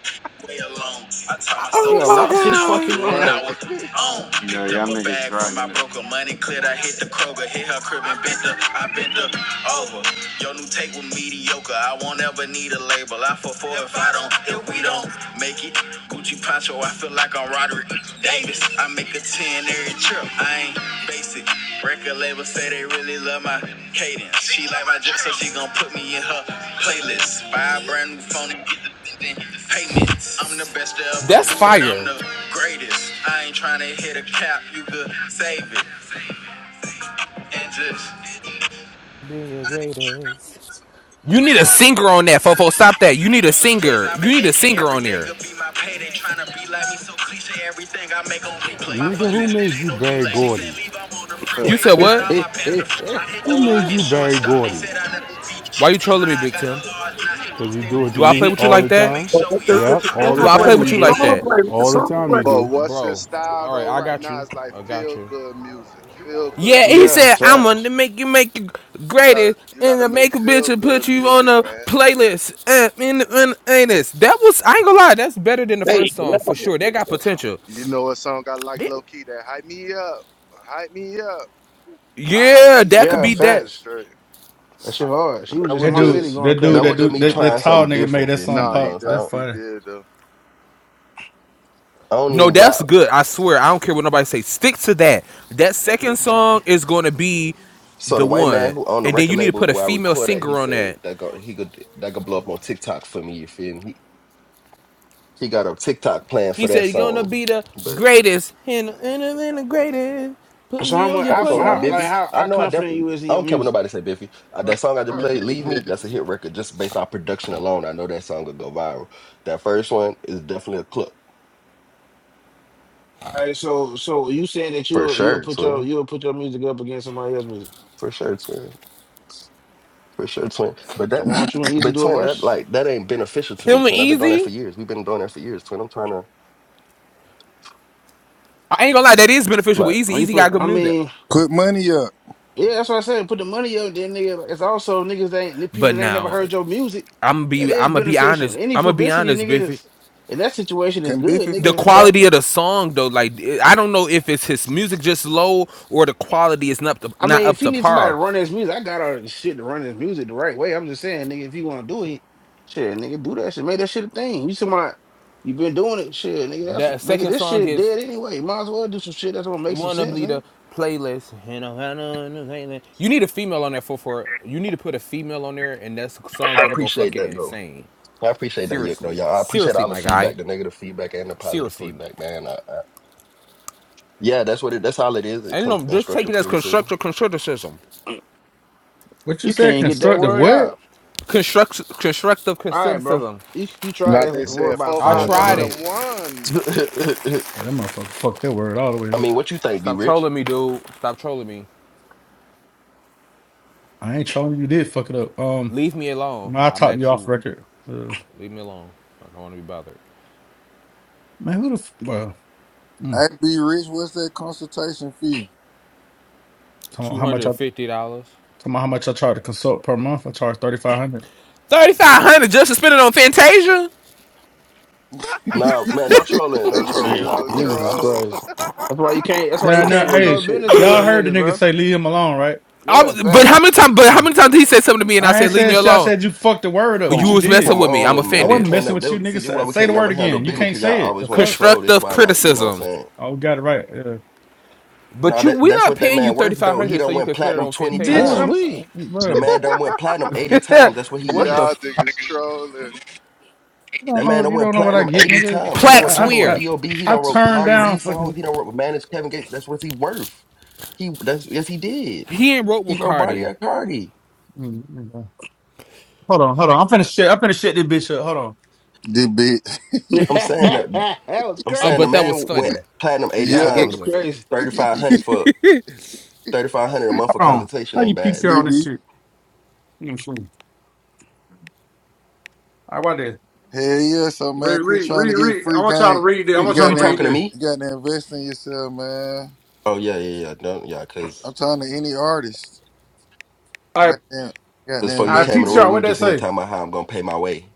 Speaker 10: way alone. I taught myself
Speaker 8: Oh
Speaker 10: the
Speaker 1: Nigga
Speaker 8: my
Speaker 10: sauce
Speaker 1: lost
Speaker 10: and
Speaker 1: his
Speaker 10: I was,
Speaker 8: god,
Speaker 1: fucking
Speaker 10: and
Speaker 1: mind.
Speaker 10: I
Speaker 13: Right. [LAUGHS]
Speaker 10: was on.
Speaker 14: No,
Speaker 10: Picked
Speaker 14: y'all
Speaker 10: up a
Speaker 14: niggas
Speaker 10: bag from my
Speaker 14: dragging it.
Speaker 10: broker. Money cleared. I hit the Kroger. Hit her crib and bent her, I bent her over. Your new tape was mediocre. I won't ever need a label. I for four if I don't, if we don't make it. Gucci poncho, I feel like I'm Roderick Davis. I make a 10 every trip. I ain't basic. Record label say they really love my cadence. She like my drip, so she gon' put me in her playlist. Buy a brand new phone and get the then payments. I'm the best to ever
Speaker 8: that's
Speaker 10: do it. I'm
Speaker 8: fire.
Speaker 10: the greatest. I ain't tryna hit a cap. You could save it and just
Speaker 8: Be your greatest. You need a singer on that, Fofo. Stop that. You need a
Speaker 10: In two days,
Speaker 8: singer.
Speaker 10: I
Speaker 8: You
Speaker 10: make
Speaker 8: need a
Speaker 10: AK
Speaker 8: singer
Speaker 10: every
Speaker 8: on
Speaker 10: day.
Speaker 8: there.
Speaker 10: Could be my payday. Tryna be like me, so cliche. Everything I make on replay. My
Speaker 16: Nigga,
Speaker 10: phone's
Speaker 16: who
Speaker 10: instant,
Speaker 16: made
Speaker 10: ain't
Speaker 16: you
Speaker 10: no
Speaker 16: Barry
Speaker 10: delay. She said,
Speaker 16: Gordy?
Speaker 10: Leave, I'm on the
Speaker 13: Uh,
Speaker 8: You
Speaker 10: freeway.
Speaker 8: said
Speaker 10: I got
Speaker 8: what?
Speaker 10: all my pants to free. I hit
Speaker 16: Who
Speaker 10: the
Speaker 16: made
Speaker 10: block and
Speaker 16: you
Speaker 10: short
Speaker 16: Barry
Speaker 10: stop. They
Speaker 16: Gordy?
Speaker 10: said I never beat
Speaker 8: Why you
Speaker 10: chicks up
Speaker 8: trolling me,
Speaker 10: high. I
Speaker 8: Big
Speaker 10: got a
Speaker 8: Tim?
Speaker 10: large knot.
Speaker 16: Because you
Speaker 10: they
Speaker 16: do
Speaker 10: let
Speaker 16: it to
Speaker 8: Do I
Speaker 10: me in
Speaker 8: play
Speaker 16: me
Speaker 10: the
Speaker 8: with you
Speaker 16: all
Speaker 10: door,
Speaker 8: like
Speaker 16: the
Speaker 10: I'm gonna
Speaker 8: that?
Speaker 10: make
Speaker 16: time.
Speaker 10: sure
Speaker 12: Let
Speaker 10: we
Speaker 12: the,
Speaker 10: all
Speaker 12: let the
Speaker 16: Yep,
Speaker 10: pop.
Speaker 16: all the
Speaker 8: Do
Speaker 10: I
Speaker 12: song
Speaker 8: I
Speaker 12: play.
Speaker 8: play
Speaker 16: time
Speaker 12: Let
Speaker 16: you
Speaker 8: with
Speaker 12: the
Speaker 8: you
Speaker 10: graduated
Speaker 16: do.
Speaker 8: like
Speaker 10: ninth.
Speaker 12: song
Speaker 8: that?
Speaker 12: play. Let the
Speaker 16: All the
Speaker 12: song
Speaker 16: time you
Speaker 13: But
Speaker 16: do.
Speaker 13: what's in
Speaker 8: Bro,
Speaker 12: play.
Speaker 13: style
Speaker 8: all right,
Speaker 13: though
Speaker 8: I
Speaker 13: right
Speaker 8: got
Speaker 13: now
Speaker 8: you.
Speaker 13: is like
Speaker 8: I got
Speaker 13: feel
Speaker 8: you.
Speaker 13: good music. Feel good
Speaker 8: Yeah,
Speaker 1: [LAUGHS]
Speaker 8: he
Speaker 13: music.
Speaker 1: yeah,
Speaker 8: said, I'm gonna
Speaker 1: facts.
Speaker 8: make you make you
Speaker 13: You gotta
Speaker 8: greatest
Speaker 13: you
Speaker 8: and
Speaker 13: gotta
Speaker 8: to
Speaker 13: make
Speaker 8: make a bitch
Speaker 13: feel
Speaker 8: and put
Speaker 13: good
Speaker 8: you on
Speaker 13: music,
Speaker 8: a
Speaker 13: man.
Speaker 8: playlist. Uh, in the, in the anus. That was, I ain't gonna lie, that's better than the
Speaker 12: Hey,
Speaker 8: first song for sure. That got potential.
Speaker 13: You know a song I like
Speaker 8: That-
Speaker 13: low key that hype me up. Hype me up. I hype
Speaker 8: yeah,
Speaker 13: me
Speaker 8: that
Speaker 13: up.
Speaker 8: could
Speaker 1: Yeah,
Speaker 8: be
Speaker 13: That
Speaker 8: that.
Speaker 13: shit
Speaker 1: facts.
Speaker 13: straight.
Speaker 1: That shit hard. She was
Speaker 10: That
Speaker 1: just in
Speaker 10: was
Speaker 9: That
Speaker 1: my
Speaker 9: dude,
Speaker 1: city
Speaker 10: just
Speaker 1: going
Speaker 9: that dude,
Speaker 10: that
Speaker 1: crazy.
Speaker 9: that
Speaker 10: was just
Speaker 9: dude,
Speaker 10: me
Speaker 9: that, that
Speaker 10: trying
Speaker 13: Uh-huh.
Speaker 9: tall
Speaker 10: something
Speaker 9: nigga made
Speaker 10: different,
Speaker 9: that
Speaker 10: Biffy.
Speaker 9: song
Speaker 13: No,
Speaker 10: You
Speaker 13: he
Speaker 10: know
Speaker 9: pop.
Speaker 10: what I'm
Speaker 9: That's
Speaker 10: saying?
Speaker 13: definitely
Speaker 9: funny.
Speaker 13: did though.
Speaker 10: I don't
Speaker 8: No,
Speaker 10: even rap.
Speaker 8: that's good. I swear, I don't care what nobody say. Stick to that. That second song is going to be
Speaker 10: So the
Speaker 8: the
Speaker 10: white man
Speaker 8: one,
Speaker 10: who owned the
Speaker 8: and then
Speaker 10: record
Speaker 8: you need to
Speaker 10: label
Speaker 8: put a
Speaker 10: where I
Speaker 8: female
Speaker 10: record at, he
Speaker 8: singer on
Speaker 10: said
Speaker 8: that.
Speaker 10: that go, he could that could blow up on TikTok for me. You feel me? He got a TikTok plan
Speaker 8: He
Speaker 10: for that
Speaker 8: said, "You're gonna
Speaker 10: song.
Speaker 8: be the
Speaker 10: But
Speaker 8: greatest, and and, and the greatest. Put
Speaker 1: So
Speaker 8: me
Speaker 1: how
Speaker 8: on
Speaker 1: much?
Speaker 8: your
Speaker 10: I
Speaker 1: I
Speaker 10: ain't gonna lie,
Speaker 1: how, like
Speaker 10: Biffy.
Speaker 8: playlist."
Speaker 1: how,
Speaker 10: I
Speaker 1: how
Speaker 10: know I
Speaker 1: confident
Speaker 10: definitely
Speaker 1: you is in
Speaker 10: I
Speaker 1: your
Speaker 10: don't care what
Speaker 1: music?
Speaker 10: nobody say, Biffy. Uh, that song I just played, Leave Me, that's a
Speaker 17: Put
Speaker 10: hit record just based on production alone. I know that song will go viral. That first one is definitely a clip.
Speaker 1: All right, so so you said that
Speaker 10: For
Speaker 1: you'll you'll
Speaker 10: sure,
Speaker 1: put your
Speaker 10: twin.
Speaker 1: you'll put your music up against somebody else's music.
Speaker 10: For sure, twin. For sure, twin. But
Speaker 1: So
Speaker 10: that
Speaker 1: why don't you and Easy
Speaker 10: but
Speaker 1: do a
Speaker 10: twin, that
Speaker 1: verse?
Speaker 10: like that ain't beneficial to me,
Speaker 8: Him and
Speaker 10: twin. I've been doing that for
Speaker 8: Easy.
Speaker 10: years. We've been doing that for years, twin. I'm trying to
Speaker 8: I ain't gonna lie, that is beneficial. But
Speaker 10: like
Speaker 8: Easy,
Speaker 1: When you
Speaker 8: Easy got
Speaker 1: put,
Speaker 8: good
Speaker 1: I
Speaker 8: music.
Speaker 1: mean,
Speaker 17: money up.
Speaker 1: yeah, that's what I said. Put the money up, then nigga. It's also niggas that ain't people
Speaker 8: But
Speaker 1: that ain't never
Speaker 8: now,
Speaker 1: heard your music.
Speaker 8: I'm gonna
Speaker 1: That
Speaker 8: be,
Speaker 1: is
Speaker 8: I'm gonna be
Speaker 1: beneficial.
Speaker 8: honest.
Speaker 1: Any
Speaker 8: I'm gonna be
Speaker 1: publicity,
Speaker 8: honest,
Speaker 1: nigga,
Speaker 8: Biffy.
Speaker 1: is in that situation is
Speaker 17: Can
Speaker 1: good,
Speaker 17: Biffy
Speaker 8: The
Speaker 17: finna
Speaker 1: nigga.
Speaker 8: quality
Speaker 17: talking?
Speaker 8: of the song, though, like I don't know if it's his music just low or the quality is not up to,
Speaker 1: I
Speaker 8: not
Speaker 1: mean,
Speaker 8: up
Speaker 1: if he
Speaker 8: to
Speaker 1: needs somebody to
Speaker 8: par.
Speaker 1: run his music, I got all the shit to run his music the right way. I'm just saying, nigga, if you want to do it, shit, nigga, do that shit. Make that shit a thing. You somebody, you been doing it, shit, nigga. That's
Speaker 8: That
Speaker 1: nigga,
Speaker 8: second
Speaker 1: this
Speaker 8: song
Speaker 1: shit
Speaker 8: is
Speaker 1: dead anyway. Might as well do some shit that's gonna
Speaker 8: it
Speaker 1: make some
Speaker 8: won't up
Speaker 1: sense,
Speaker 8: lead
Speaker 1: nigga.
Speaker 8: playlist. You need a female on that for for it. You need to put a female on there, and that song
Speaker 10: I
Speaker 8: gonna go
Speaker 10: appreciate
Speaker 8: fucking
Speaker 10: that though.
Speaker 8: insane.
Speaker 10: I appreciate that, yeah, though,
Speaker 8: Seriously,
Speaker 10: y'all. I appreciate
Speaker 8: seriously,
Speaker 10: all the
Speaker 8: my guy,
Speaker 10: feedback, the negative feedback and the positive
Speaker 8: seriously.
Speaker 10: feedback, man. I, Yeah, that's what it. That's all it is. It
Speaker 8: And you
Speaker 10: com-
Speaker 8: know, just take
Speaker 10: constructive
Speaker 8: it as
Speaker 10: criticism.
Speaker 8: constructive criticism.
Speaker 9: What you
Speaker 1: You can't
Speaker 9: said?
Speaker 1: even get that
Speaker 9: Constructive
Speaker 1: word
Speaker 9: what?
Speaker 1: out.
Speaker 8: Construct constructive
Speaker 1: All right, bro.
Speaker 8: criticism.
Speaker 1: You, you try
Speaker 13: Now
Speaker 1: that
Speaker 13: they
Speaker 1: word
Speaker 13: said
Speaker 1: about
Speaker 8: I
Speaker 9: Yeah,
Speaker 1: five
Speaker 13: Fofo one
Speaker 8: tried
Speaker 13: of
Speaker 9: bro.
Speaker 1: times.
Speaker 13: them
Speaker 8: it.
Speaker 10: [LAUGHS]
Speaker 13: ones. [LAUGHS]
Speaker 10: I
Speaker 9: Yeah, that motherfucker fucked that word all the way up.
Speaker 10: mean, what you think, be
Speaker 8: Stop
Speaker 10: rich?
Speaker 8: trolling me, dude. Stop trolling me.
Speaker 9: I ain't trolling. You did fuck it up. Um,
Speaker 8: Leave me alone.
Speaker 9: I
Speaker 8: I'm
Speaker 9: talked to you
Speaker 8: actually
Speaker 9: off record.
Speaker 8: leave me alone. I don't want to be bothered.
Speaker 9: Man, who the f- well?
Speaker 17: I
Speaker 9: Mm,
Speaker 17: be rich. What's that consultation fee?
Speaker 9: talking about
Speaker 8: Two
Speaker 9: how much I
Speaker 8: hundred fifty dollars.
Speaker 9: talking about how much I try to consult per month? I charge thirty five hundred.
Speaker 8: Thirty five hundred dollars just to spend it on Fantasia.
Speaker 10: Nah, man, no trolling, no
Speaker 13: This
Speaker 10: trolling,
Speaker 13: nigga's
Speaker 1: Shit,
Speaker 10: y'all,
Speaker 13: a
Speaker 10: boy.
Speaker 1: niggas is
Speaker 10: I'm s-
Speaker 13: troll. [LAUGHS]
Speaker 1: crazy. That's why you can't. That's why
Speaker 10: this
Speaker 9: Nah,
Speaker 1: you
Speaker 10: some
Speaker 1: can't
Speaker 9: nah.
Speaker 1: do no
Speaker 10: serious
Speaker 9: Hey,
Speaker 10: shit,
Speaker 1: business in front
Speaker 9: y'all
Speaker 1: of
Speaker 10: bro.
Speaker 9: heard the
Speaker 1: niggas,
Speaker 9: nigga
Speaker 1: bro.
Speaker 9: say leave him alone, right?
Speaker 8: I
Speaker 1: Yeah,
Speaker 8: was, but how
Speaker 1: facts.
Speaker 8: many times? But how
Speaker 9: Mm.
Speaker 8: many times did he say something to me and I
Speaker 9: I ain't
Speaker 8: said, "Leave me
Speaker 9: said shit. I
Speaker 8: alone."
Speaker 9: said you fucked the word up.
Speaker 8: You
Speaker 9: What
Speaker 10: Come,
Speaker 9: you
Speaker 8: was messing
Speaker 9: did?
Speaker 10: come
Speaker 8: with me. I'm
Speaker 10: on,
Speaker 9: I
Speaker 10: man. We
Speaker 8: offended.
Speaker 9: wasn't
Speaker 10: can't
Speaker 9: messing
Speaker 10: never
Speaker 9: with you,
Speaker 10: that- see.
Speaker 9: nigga.
Speaker 10: That's why
Speaker 9: Say,
Speaker 10: we
Speaker 9: say
Speaker 10: can't
Speaker 9: the
Speaker 10: never
Speaker 9: word
Speaker 10: handle
Speaker 9: again. You
Speaker 10: business
Speaker 9: can't
Speaker 10: because y'all
Speaker 9: say it.
Speaker 10: always
Speaker 9: The
Speaker 10: want to
Speaker 9: fuck?
Speaker 10: troll. That's
Speaker 8: Constructive
Speaker 10: why, like, you know what I'm
Speaker 8: criticism.
Speaker 10: saying?
Speaker 9: Oh, got it right. Uh,
Speaker 8: But
Speaker 10: Nah,
Speaker 8: you,
Speaker 10: that
Speaker 8: we're
Speaker 10: that's
Speaker 8: not
Speaker 10: what that
Speaker 8: paying you
Speaker 10: man
Speaker 8: thirty
Speaker 10: worth
Speaker 8: five
Speaker 10: though. He
Speaker 8: hundred so
Speaker 10: don't
Speaker 8: you
Speaker 10: went
Speaker 8: can spend it
Speaker 10: platinum
Speaker 8: on
Speaker 10: twenty
Speaker 1: Who
Speaker 9: bitch,
Speaker 1: was
Speaker 8: Fantasia.
Speaker 9: I'm
Speaker 10: times.
Speaker 9: uh,
Speaker 1: we?
Speaker 10: The
Speaker 9: bro.
Speaker 10: man done went platinum
Speaker 8: [LAUGHS]
Speaker 10: eighty times. That's what he
Speaker 8: what
Speaker 9: You
Speaker 8: the?
Speaker 10: worth.
Speaker 13: Y'all
Speaker 8: F-
Speaker 13: niggas trolling.
Speaker 9: don't
Speaker 10: That man
Speaker 9: know.
Speaker 10: done
Speaker 9: You
Speaker 10: went
Speaker 9: don't know what I
Speaker 10: platinum
Speaker 9: get,
Speaker 10: 80
Speaker 9: nigga.
Speaker 10: times. He done went
Speaker 8: Plax
Speaker 9: Uh,
Speaker 10: platinum with
Speaker 9: I I,
Speaker 8: Weir.
Speaker 10: B.O.B. He
Speaker 9: I
Speaker 10: done wrote
Speaker 9: turned
Speaker 10: Cardi B
Speaker 9: down
Speaker 10: songs.
Speaker 9: fucking.
Speaker 10: He done wrote managed Kevin Gates. That's what he worth. He that's yes he did.
Speaker 8: He ain't wrote
Speaker 10: He wrote Body
Speaker 8: Ricardi.
Speaker 10: at Cardi.
Speaker 9: Mm, mm, mm. Hold on, hold on. I'm finna shit. I'm finna shit this bitch up. Hold on,
Speaker 17: The bitch. [LAUGHS]
Speaker 1: [LAUGHS]
Speaker 10: I'm saying that
Speaker 1: that was
Speaker 10: I'm
Speaker 8: Oh,
Speaker 10: saying the
Speaker 8: but
Speaker 1: crazy.
Speaker 8: that was
Speaker 10: man went
Speaker 8: funny.
Speaker 10: platinum 80
Speaker 8: Y'all
Speaker 17: Yeah.
Speaker 1: Nah, it was
Speaker 10: times,
Speaker 8: giggling.
Speaker 1: crazy.
Speaker 17: [LAUGHS]
Speaker 10: 3500
Speaker 17: BB.
Speaker 10: for 3500 a month for
Speaker 9: hold on.
Speaker 10: consultation
Speaker 9: How you
Speaker 10: ain't bad,
Speaker 9: PCR on
Speaker 10: twin.
Speaker 9: this shit? All right, what that?
Speaker 17: Hell yeah. So
Speaker 9: Read,
Speaker 17: man, quit
Speaker 9: read,
Speaker 17: trying to
Speaker 9: read,
Speaker 17: get
Speaker 9: read. I
Speaker 17: free
Speaker 9: want y'all to
Speaker 17: game.
Speaker 9: read it. I
Speaker 10: Who,
Speaker 17: You
Speaker 9: want
Speaker 10: who
Speaker 9: y'all
Speaker 10: you
Speaker 9: to read
Speaker 17: gotta
Speaker 10: talking to
Speaker 9: it.
Speaker 17: you
Speaker 10: me?
Speaker 17: gotta invest in yourself, man.
Speaker 10: Oh yeah, yeah, yeah. No, yeah,
Speaker 17: I'm
Speaker 10: cause
Speaker 17: talking to any artist.
Speaker 9: All
Speaker 17: You
Speaker 9: right,
Speaker 17: gotta, you
Speaker 10: cause
Speaker 17: gotta
Speaker 10: before
Speaker 9: all
Speaker 10: you
Speaker 9: right,
Speaker 17: invest
Speaker 10: came in the
Speaker 17: in
Speaker 10: room,
Speaker 9: PTR.
Speaker 10: we
Speaker 9: What
Speaker 10: were
Speaker 9: that
Speaker 17: yourself.
Speaker 10: just in here
Speaker 9: say?
Speaker 10: talking about how I'm gonna pay my way.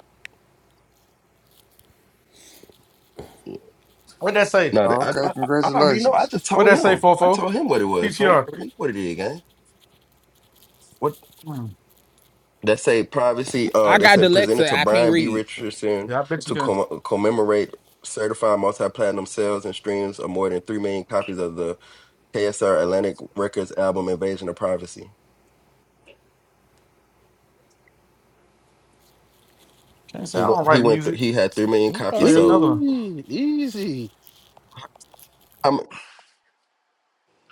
Speaker 9: What that say?
Speaker 10: No,
Speaker 17: Oh,
Speaker 10: I,
Speaker 17: okay,
Speaker 10: I, I already know. I
Speaker 17: congratulations.
Speaker 10: just
Speaker 9: What
Speaker 10: told
Speaker 9: that say,
Speaker 10: him. I
Speaker 9: Fofo?
Speaker 10: told him what it was, twin. I
Speaker 9: PTR.
Speaker 10: already know what it is, gang
Speaker 9: Hmm.
Speaker 10: They say privacy. Uh,
Speaker 8: I
Speaker 10: they
Speaker 8: got
Speaker 10: said presented
Speaker 8: dyslexia.
Speaker 10: to
Speaker 8: I can't
Speaker 10: Brian B.
Speaker 8: read.
Speaker 10: Richardson
Speaker 9: Yeah, I bet you
Speaker 10: to
Speaker 9: can.
Speaker 10: com- commemorate certified multi-platinum sales and streams of more than three million copies of the KSR Atlantic Records album "Invasion of Privacy."
Speaker 9: Can't say
Speaker 10: He
Speaker 9: I
Speaker 10: went.
Speaker 9: don't
Speaker 10: He
Speaker 9: write
Speaker 10: went. Th-
Speaker 9: music.
Speaker 10: he had three million
Speaker 9: Show
Speaker 10: copies
Speaker 8: Okay.
Speaker 9: you
Speaker 10: sold.
Speaker 9: another one.
Speaker 1: Easy, easy.
Speaker 10: I'm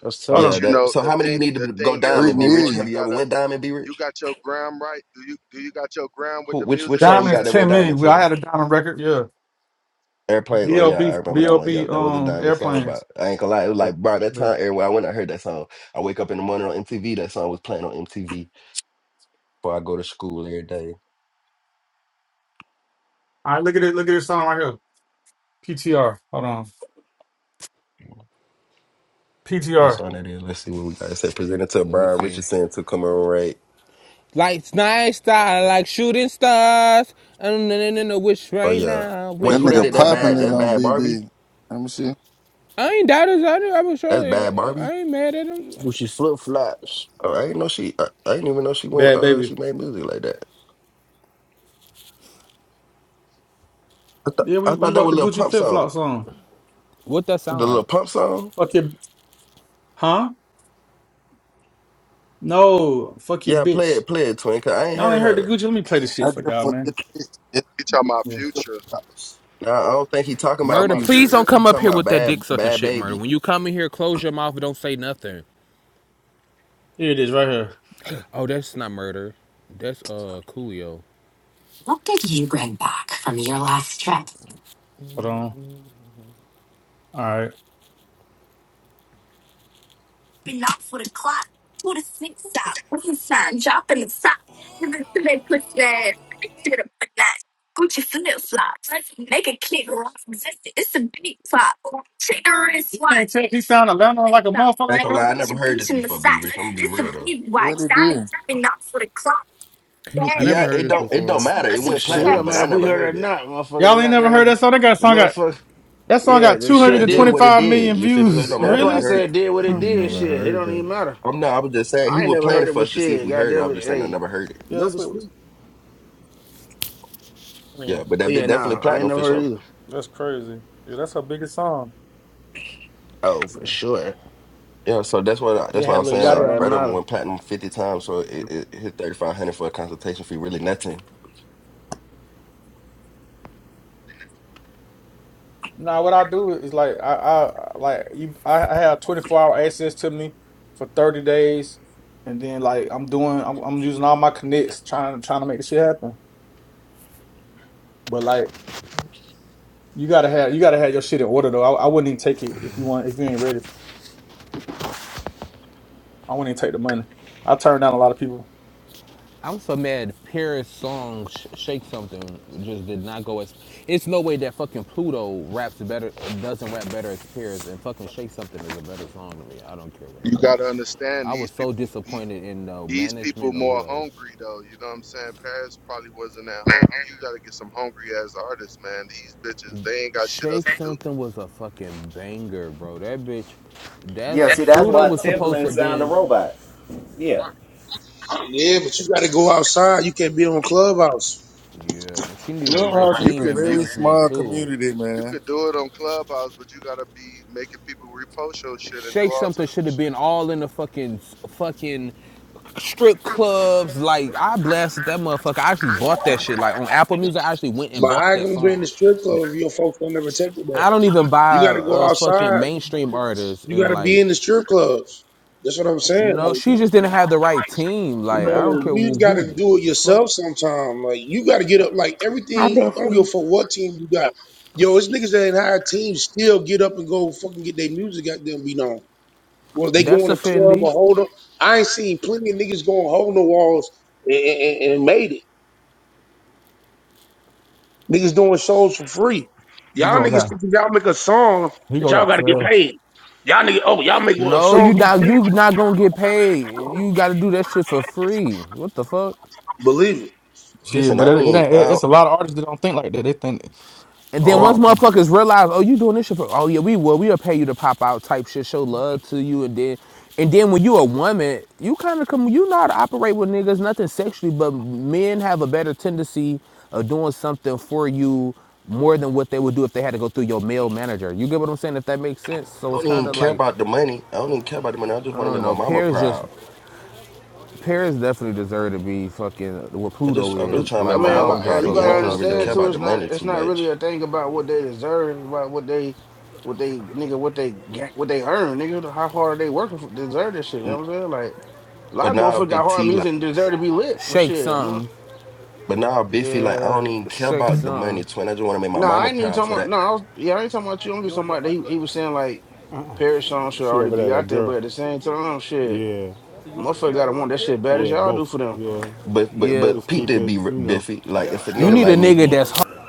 Speaker 1: That's
Speaker 9: Hold
Speaker 1: tough.
Speaker 10: yeah.
Speaker 9: on.
Speaker 13: But you
Speaker 10: That.
Speaker 13: know
Speaker 10: So
Speaker 13: the
Speaker 10: how many you
Speaker 13: thing
Speaker 10: need
Speaker 13: the
Speaker 10: to go
Speaker 13: thing
Speaker 17: Three
Speaker 13: is,
Speaker 10: diamond? Be rich.
Speaker 13: Fofo,
Speaker 10: Have
Speaker 13: you
Speaker 17: million.
Speaker 10: you ever
Speaker 13: gotta
Speaker 10: went diamond? Be
Speaker 13: you
Speaker 10: rich.
Speaker 13: got your gram right. Do you do you got your gram with
Speaker 10: Who?
Speaker 13: the
Speaker 10: Which? Which
Speaker 13: music and
Speaker 10: song you
Speaker 9: Diamond is
Speaker 10: got
Speaker 13: shit?
Speaker 10: that went
Speaker 9: ten
Speaker 10: diamond,
Speaker 9: million. Well, I
Speaker 10: twin?
Speaker 9: had a diamond record. Yeah.
Speaker 10: Airplane, oh yeah, I
Speaker 9: B.O.B.
Speaker 10: remember that one. Yo,
Speaker 9: B.O.B.
Speaker 10: that was a
Speaker 9: Um,
Speaker 10: diamond song, but
Speaker 9: airplanes.
Speaker 10: I ain't gonna lie, it was
Speaker 9: Yeah.
Speaker 10: like bro, that time
Speaker 9: All
Speaker 10: everywhere I went, I heard that song. I wake up in the morning on MTV, that song was playing on MTV before I go to school every day.
Speaker 9: right, look at it. Look at this song right here. PTR. Hold on.
Speaker 10: What
Speaker 9: PTR.
Speaker 10: song that is? Let's see what we got. It said presented to
Speaker 8: Let me
Speaker 10: Brian
Speaker 8: see.
Speaker 10: Richardson to commemorate.
Speaker 8: Lights, night star, like shooting stars. I don't know, no, no, no, wish
Speaker 10: Oh
Speaker 8: right
Speaker 10: yeah.
Speaker 8: now,
Speaker 10: Wait,
Speaker 17: That
Speaker 8: wish
Speaker 10: who that
Speaker 17: nigga
Speaker 10: did
Speaker 8: right
Speaker 10: that
Speaker 17: popping
Speaker 10: bad
Speaker 17: it
Speaker 10: that's
Speaker 8: now.
Speaker 17: on
Speaker 10: bad Barbie?
Speaker 17: BB. Let me see.
Speaker 8: I ain't doubt his. I, I was
Speaker 10: That's
Speaker 8: sure.
Speaker 10: bad
Speaker 8: If,
Speaker 10: Barbie?
Speaker 8: I ain't mad at him.
Speaker 1: Gucci flip flops.
Speaker 10: Oh, I didn't know she I, I didn't even know she went
Speaker 9: Bad
Speaker 10: uh she
Speaker 9: baby.
Speaker 10: made music like that. I thought
Speaker 9: Yeah, we,
Speaker 10: I
Speaker 9: we
Speaker 10: thought that
Speaker 9: wrote
Speaker 10: was a
Speaker 9: the
Speaker 10: little
Speaker 9: Gucci
Speaker 10: pump
Speaker 9: flip
Speaker 10: song.
Speaker 9: flop song.
Speaker 8: What that sound
Speaker 10: The little
Speaker 8: like?
Speaker 10: pump song?
Speaker 9: Fuck your huh? No, fuck your
Speaker 10: Yeah, play
Speaker 9: bitch.
Speaker 10: it, play it, twin, cause I ain't
Speaker 9: Y'all
Speaker 10: heard
Speaker 9: ain't heard the
Speaker 10: her.
Speaker 9: Gucci. Let me play this shit
Speaker 17: I
Speaker 9: for
Speaker 17: just
Speaker 9: y'all,
Speaker 17: forget
Speaker 9: man.
Speaker 17: this. It's
Speaker 13: You talking about
Speaker 9: Yeah.
Speaker 13: future. You
Speaker 17: Clubhouse.
Speaker 10: Nah, I don't think he talking about
Speaker 13: talking
Speaker 8: Murder.
Speaker 13: about
Speaker 8: Please
Speaker 10: future.
Speaker 8: don't
Speaker 13: future?
Speaker 10: He
Speaker 8: come up
Speaker 10: talking
Speaker 8: here
Speaker 10: about
Speaker 8: with that
Speaker 10: bad
Speaker 8: dick sucking
Speaker 10: bad
Speaker 8: shit, murder.
Speaker 10: baby.
Speaker 8: When you come in here, close your mouth and don't say nothing.
Speaker 9: Here it is, right here.
Speaker 8: Oh, that's not murder. That's uh Coolio.
Speaker 9: Hold on. All right. Gucci flip flops, make a kick rock resistant. It's a big flop. trigger the wrist He sound Atlanta like a motherfucker
Speaker 10: I ain't
Speaker 9: right
Speaker 10: gonna
Speaker 9: now.
Speaker 10: lie, I
Speaker 9: Beach
Speaker 10: never heard
Speaker 9: beach
Speaker 10: this
Speaker 9: in the
Speaker 10: before, B
Speaker 9: socks.
Speaker 10: Rich. I'm gonna be
Speaker 9: it's a
Speaker 10: real though.
Speaker 9: big
Speaker 17: What
Speaker 9: watch.
Speaker 17: it
Speaker 9: I'm
Speaker 17: do?
Speaker 9: tapping out for the clock.
Speaker 10: Y-
Speaker 8: I never
Speaker 10: Yeah,
Speaker 8: heard
Speaker 10: it
Speaker 8: this
Speaker 10: don't it don't
Speaker 8: before.
Speaker 10: matter. It
Speaker 8: That's
Speaker 10: went
Speaker 1: Shit,
Speaker 10: platinum,
Speaker 8: crazy.
Speaker 1: don't
Speaker 10: but
Speaker 1: matter
Speaker 10: I
Speaker 1: if we
Speaker 10: never
Speaker 1: heard it or
Speaker 10: heard it.
Speaker 1: not, motherfucker.
Speaker 9: Y'all
Speaker 1: They
Speaker 9: ain't
Speaker 1: got
Speaker 9: never
Speaker 1: there,
Speaker 9: heard
Speaker 1: and
Speaker 9: that song. That got
Speaker 1: the
Speaker 9: song got
Speaker 1: motherfucker.
Speaker 9: that song
Speaker 1: Yeah,
Speaker 9: got
Speaker 1: the
Speaker 10: Yeah,
Speaker 1: shit
Speaker 10: it did
Speaker 1: did.
Speaker 10: what it
Speaker 9: 225
Speaker 10: did.
Speaker 9: million
Speaker 10: You feel me? So it
Speaker 9: views. [LAUGHS]
Speaker 10: don't
Speaker 1: Yeah, that's
Speaker 10: matter. if
Speaker 1: why I
Speaker 10: We
Speaker 9: really?
Speaker 10: heard
Speaker 1: said
Speaker 10: it.
Speaker 1: it did what
Speaker 18: I
Speaker 1: it
Speaker 18: ain't
Speaker 1: did.
Speaker 18: never
Speaker 1: Shit, it
Speaker 18: heard
Speaker 1: don't
Speaker 18: that.
Speaker 1: even matter.
Speaker 10: I'm not I was just saying
Speaker 1: I
Speaker 10: he
Speaker 1: ain't
Speaker 10: was
Speaker 1: never
Speaker 10: playing
Speaker 1: heard
Speaker 10: it
Speaker 1: it,
Speaker 10: for
Speaker 1: but
Speaker 10: us to see if
Speaker 1: shit,
Speaker 10: we heard it. I
Speaker 1: goddamn
Speaker 10: was
Speaker 1: it,
Speaker 10: just saying I
Speaker 1: hey,
Speaker 10: never heard it.
Speaker 9: Yeah,
Speaker 1: number
Speaker 9: that's what. It was.
Speaker 1: speak.
Speaker 9: I
Speaker 10: Yeah,
Speaker 9: mean,
Speaker 10: but
Speaker 1: Oh
Speaker 10: that bit
Speaker 1: yeah,
Speaker 10: definitely
Speaker 1: nah, I ain't
Speaker 10: platinum
Speaker 1: never
Speaker 10: for
Speaker 1: heard it
Speaker 10: sure.
Speaker 1: either.
Speaker 9: that's crazy. Yeah, that's her biggest song.
Speaker 1: Oh,
Speaker 9: Yeah,
Speaker 1: for sure.
Speaker 10: Yeah, so that's what I,
Speaker 9: Yeah,
Speaker 10: that's
Speaker 9: it
Speaker 10: why I'm
Speaker 9: had Lil
Speaker 10: saying
Speaker 1: So
Speaker 10: like
Speaker 1: all
Speaker 9: Yachty on
Speaker 1: that
Speaker 9: it.
Speaker 10: brother
Speaker 1: matter.
Speaker 10: went platinum fifty times, so it, it hit thirty five hundred for a consultation fee really nothing.
Speaker 9: Now, what I do is like I, I like you. I, I have twenty four hour access to me for thirty days, and then like I'm doing, I'm, I'm using all my connects trying trying to make this shit happen. But like you gotta have you gotta have your shit in order though. I, I wouldn't even take it if you want if you ain't ready. I wouldn't even take the money. I turned down a lot of people.
Speaker 8: I'm so mad. Paris song Sh- "Shake Something" just did not go as. It's no way that fucking Pluto raps better, doesn't rap better as Paris, and fucking "Shake Something" is a better song to me. I don't care what
Speaker 13: You
Speaker 8: nobody
Speaker 13: gotta
Speaker 8: says.
Speaker 13: understand
Speaker 8: I was
Speaker 13: these
Speaker 8: so
Speaker 13: people the-
Speaker 8: disappointed in the
Speaker 13: these people
Speaker 8: management or
Speaker 13: more
Speaker 8: whoever.
Speaker 13: hungry though, you know what I'm saying? Paris probably wasn't that hungry. You gotta get some hungry ass artists, man. These bitches, they ain't got shit else
Speaker 8: "Shake
Speaker 13: to do.
Speaker 8: Something" was a fucking banger, bro. That bitch, that's
Speaker 19: Yeah, see, that's
Speaker 8: Pluto
Speaker 19: why
Speaker 8: was supposed to
Speaker 19: Timbaland
Speaker 8: have
Speaker 19: signed a
Speaker 8: been.
Speaker 19: robot. Yeah.
Speaker 12: yeah, but you got to go outside. You can't be on clubhouse.
Speaker 8: Yeah, she needed the right
Speaker 17: Clubhouse
Speaker 13: You
Speaker 17: is a
Speaker 8: team
Speaker 13: can
Speaker 8: and
Speaker 13: you
Speaker 17: very
Speaker 8: management
Speaker 17: small
Speaker 8: too.
Speaker 17: community,
Speaker 13: You
Speaker 17: man.
Speaker 13: could do it on Clubhouse, but you gotta be making people repost your shit and do
Speaker 8: Shay
Speaker 13: all types
Speaker 8: something
Speaker 13: of
Speaker 8: should have
Speaker 13: shit.
Speaker 8: been all in the fucking fucking strip clubs. Like I blasted that motherfucker. I actually bought that shit. Like on Apple Music, I actually went and
Speaker 12: But
Speaker 8: bought
Speaker 12: I ain't
Speaker 8: that
Speaker 12: gonna be in the
Speaker 8: song.
Speaker 12: strip club if your folks don't ever take you there.
Speaker 8: I don't even buy
Speaker 12: You got to go
Speaker 8: uh fucking
Speaker 12: outside.
Speaker 8: mainstream artists
Speaker 12: You got
Speaker 8: and
Speaker 12: to be
Speaker 8: like
Speaker 12: in the strip clubs. That's what I'm saying.
Speaker 8: no,
Speaker 12: Like
Speaker 8: she just didn't have the right team.
Speaker 12: you
Speaker 8: Like I don't
Speaker 12: know,
Speaker 8: care
Speaker 12: you
Speaker 8: who,
Speaker 12: got
Speaker 8: who
Speaker 12: to do it
Speaker 8: fuck.
Speaker 12: yourself sometime. Like you got to get up. Like
Speaker 20: Hi,
Speaker 12: everything. I don't give
Speaker 20: Bessie.
Speaker 12: a fuck what team you got. Yo, it's niggas that ain't high teams still get up and go fucking get their music out there and be known. Well, they go
Speaker 8: That's
Speaker 12: in a club or
Speaker 8: offending.
Speaker 12: hold up. I ain't seen plenty of niggas going hold the walls and, and, and made it. Niggas doing shows for free.
Speaker 9: You
Speaker 12: Y'all
Speaker 9: gonna
Speaker 12: niggas
Speaker 9: got
Speaker 12: think if y'all make a song
Speaker 9: you
Speaker 12: that
Speaker 9: gonna
Speaker 12: y'all
Speaker 9: got
Speaker 12: gotta get
Speaker 9: fair
Speaker 12: paid. Y'all nigga, oh, y'all make a
Speaker 8: No,
Speaker 12: song
Speaker 8: you
Speaker 12: you
Speaker 8: not
Speaker 12: think?
Speaker 8: you not gonna get paid. You got to do that shit for free. What the fuck?
Speaker 12: Believe it.
Speaker 9: shit,
Speaker 10: Listen, I
Speaker 9: but
Speaker 10: don't
Speaker 9: it, it
Speaker 10: even
Speaker 9: ain't.
Speaker 10: I
Speaker 9: It,
Speaker 10: don't,
Speaker 9: it's a lot of artists that don't think like that. They think,
Speaker 8: And then once
Speaker 9: oh, I'm,
Speaker 8: motherfuckers realize, oh, you doing this shit for, oh yeah, we will, we'll pay you to pop out type shit, show love to you, and then, and then when you a woman, you kind of come, you know how to operate with niggas, nothing sexually, but men have a better tendency of doing something for you more than what they would do if they had to go through your male manager. You get what I'm saying? If that makes sense.
Speaker 10: I
Speaker 8: So it's
Speaker 10: don't
Speaker 8: kind
Speaker 10: even
Speaker 8: of
Speaker 10: care
Speaker 8: like,
Speaker 10: about the money. I don't even care about the money. I just
Speaker 8: I
Speaker 10: want to
Speaker 8: don't
Speaker 10: make my
Speaker 8: know.
Speaker 10: mama
Speaker 8: Paris just
Speaker 10: proud.
Speaker 8: Paris definitely deserve to be fucking what
Speaker 10: I
Speaker 8: Pluto
Speaker 10: just, I'm just
Speaker 8: is.
Speaker 10: trying to
Speaker 1: I
Speaker 10: make
Speaker 8: Like
Speaker 10: my
Speaker 8: I
Speaker 1: mean,
Speaker 10: mama
Speaker 8: don't
Speaker 1: like
Speaker 8: give a
Speaker 1: yeah,
Speaker 10: proud
Speaker 1: you
Speaker 10: of
Speaker 8: fuck
Speaker 10: me. I
Speaker 1: gotta
Speaker 8: what
Speaker 10: don't even
Speaker 8: y'all
Speaker 10: really
Speaker 1: understand
Speaker 10: care
Speaker 8: say.
Speaker 1: too.
Speaker 10: about
Speaker 1: It's
Speaker 10: the
Speaker 1: not.
Speaker 10: money
Speaker 1: It's
Speaker 10: too
Speaker 1: not really
Speaker 10: much.
Speaker 1: a thing about what they deserve. It's about what they, what they nigga, what they ga- what they earn. Nigga, how hard they working for deserve this shit. You know
Speaker 10: N-
Speaker 1: what I'm saying? Like a lot
Speaker 10: But
Speaker 1: of
Speaker 10: now
Speaker 1: motherfuckers got
Speaker 10: Big
Speaker 1: hard
Speaker 10: T
Speaker 1: music
Speaker 10: like,
Speaker 1: and deserve to be lit. Well,
Speaker 8: Shake
Speaker 1: shit, man.
Speaker 8: something.
Speaker 10: but now Biffy like, I don't
Speaker 8: Yeah,
Speaker 10: even care
Speaker 8: shake
Speaker 10: about the money,
Speaker 8: something.
Speaker 10: twin. I just want to make my
Speaker 1: Nah, I
Speaker 10: mama
Speaker 1: ain't even
Speaker 10: proud.
Speaker 1: talking
Speaker 10: So
Speaker 1: about.
Speaker 10: that,
Speaker 1: No, I was. Yeah, I ain't talking about you. I'm just
Speaker 16: You're
Speaker 1: talking
Speaker 16: the
Speaker 1: about that he,
Speaker 16: lifeguard?
Speaker 1: he was saying like Paris song should
Speaker 16: She
Speaker 1: already
Speaker 16: over
Speaker 1: be
Speaker 16: there,
Speaker 1: out
Speaker 16: that
Speaker 1: there,
Speaker 16: girl.
Speaker 1: but at the same
Speaker 16: she's the
Speaker 1: time,
Speaker 16: lifeguard.
Speaker 1: shit,
Speaker 16: Yeah, So you work
Speaker 1: motherfucker
Speaker 16: here,
Speaker 1: gotta
Speaker 16: you
Speaker 1: want
Speaker 16: work
Speaker 1: that
Speaker 16: there?
Speaker 1: shit bad
Speaker 16: Both?
Speaker 1: as
Speaker 16: yeah,
Speaker 1: y'all do
Speaker 16: both.
Speaker 1: for them.
Speaker 16: Yeah,
Speaker 10: but but
Speaker 8: Yeah,
Speaker 10: but
Speaker 16: just
Speaker 10: Pete
Speaker 16: keep
Speaker 10: did
Speaker 16: it,
Speaker 10: be r-
Speaker 16: you know,
Speaker 10: Biffy. Like
Speaker 16: Yeah.
Speaker 10: if a
Speaker 8: you
Speaker 10: nigga
Speaker 8: need
Speaker 16: structured.
Speaker 8: a
Speaker 10: like me
Speaker 8: nigga
Speaker 16: Yeah,
Speaker 10: who
Speaker 8: that's
Speaker 16: yeah,
Speaker 8: ho-
Speaker 16: yeah.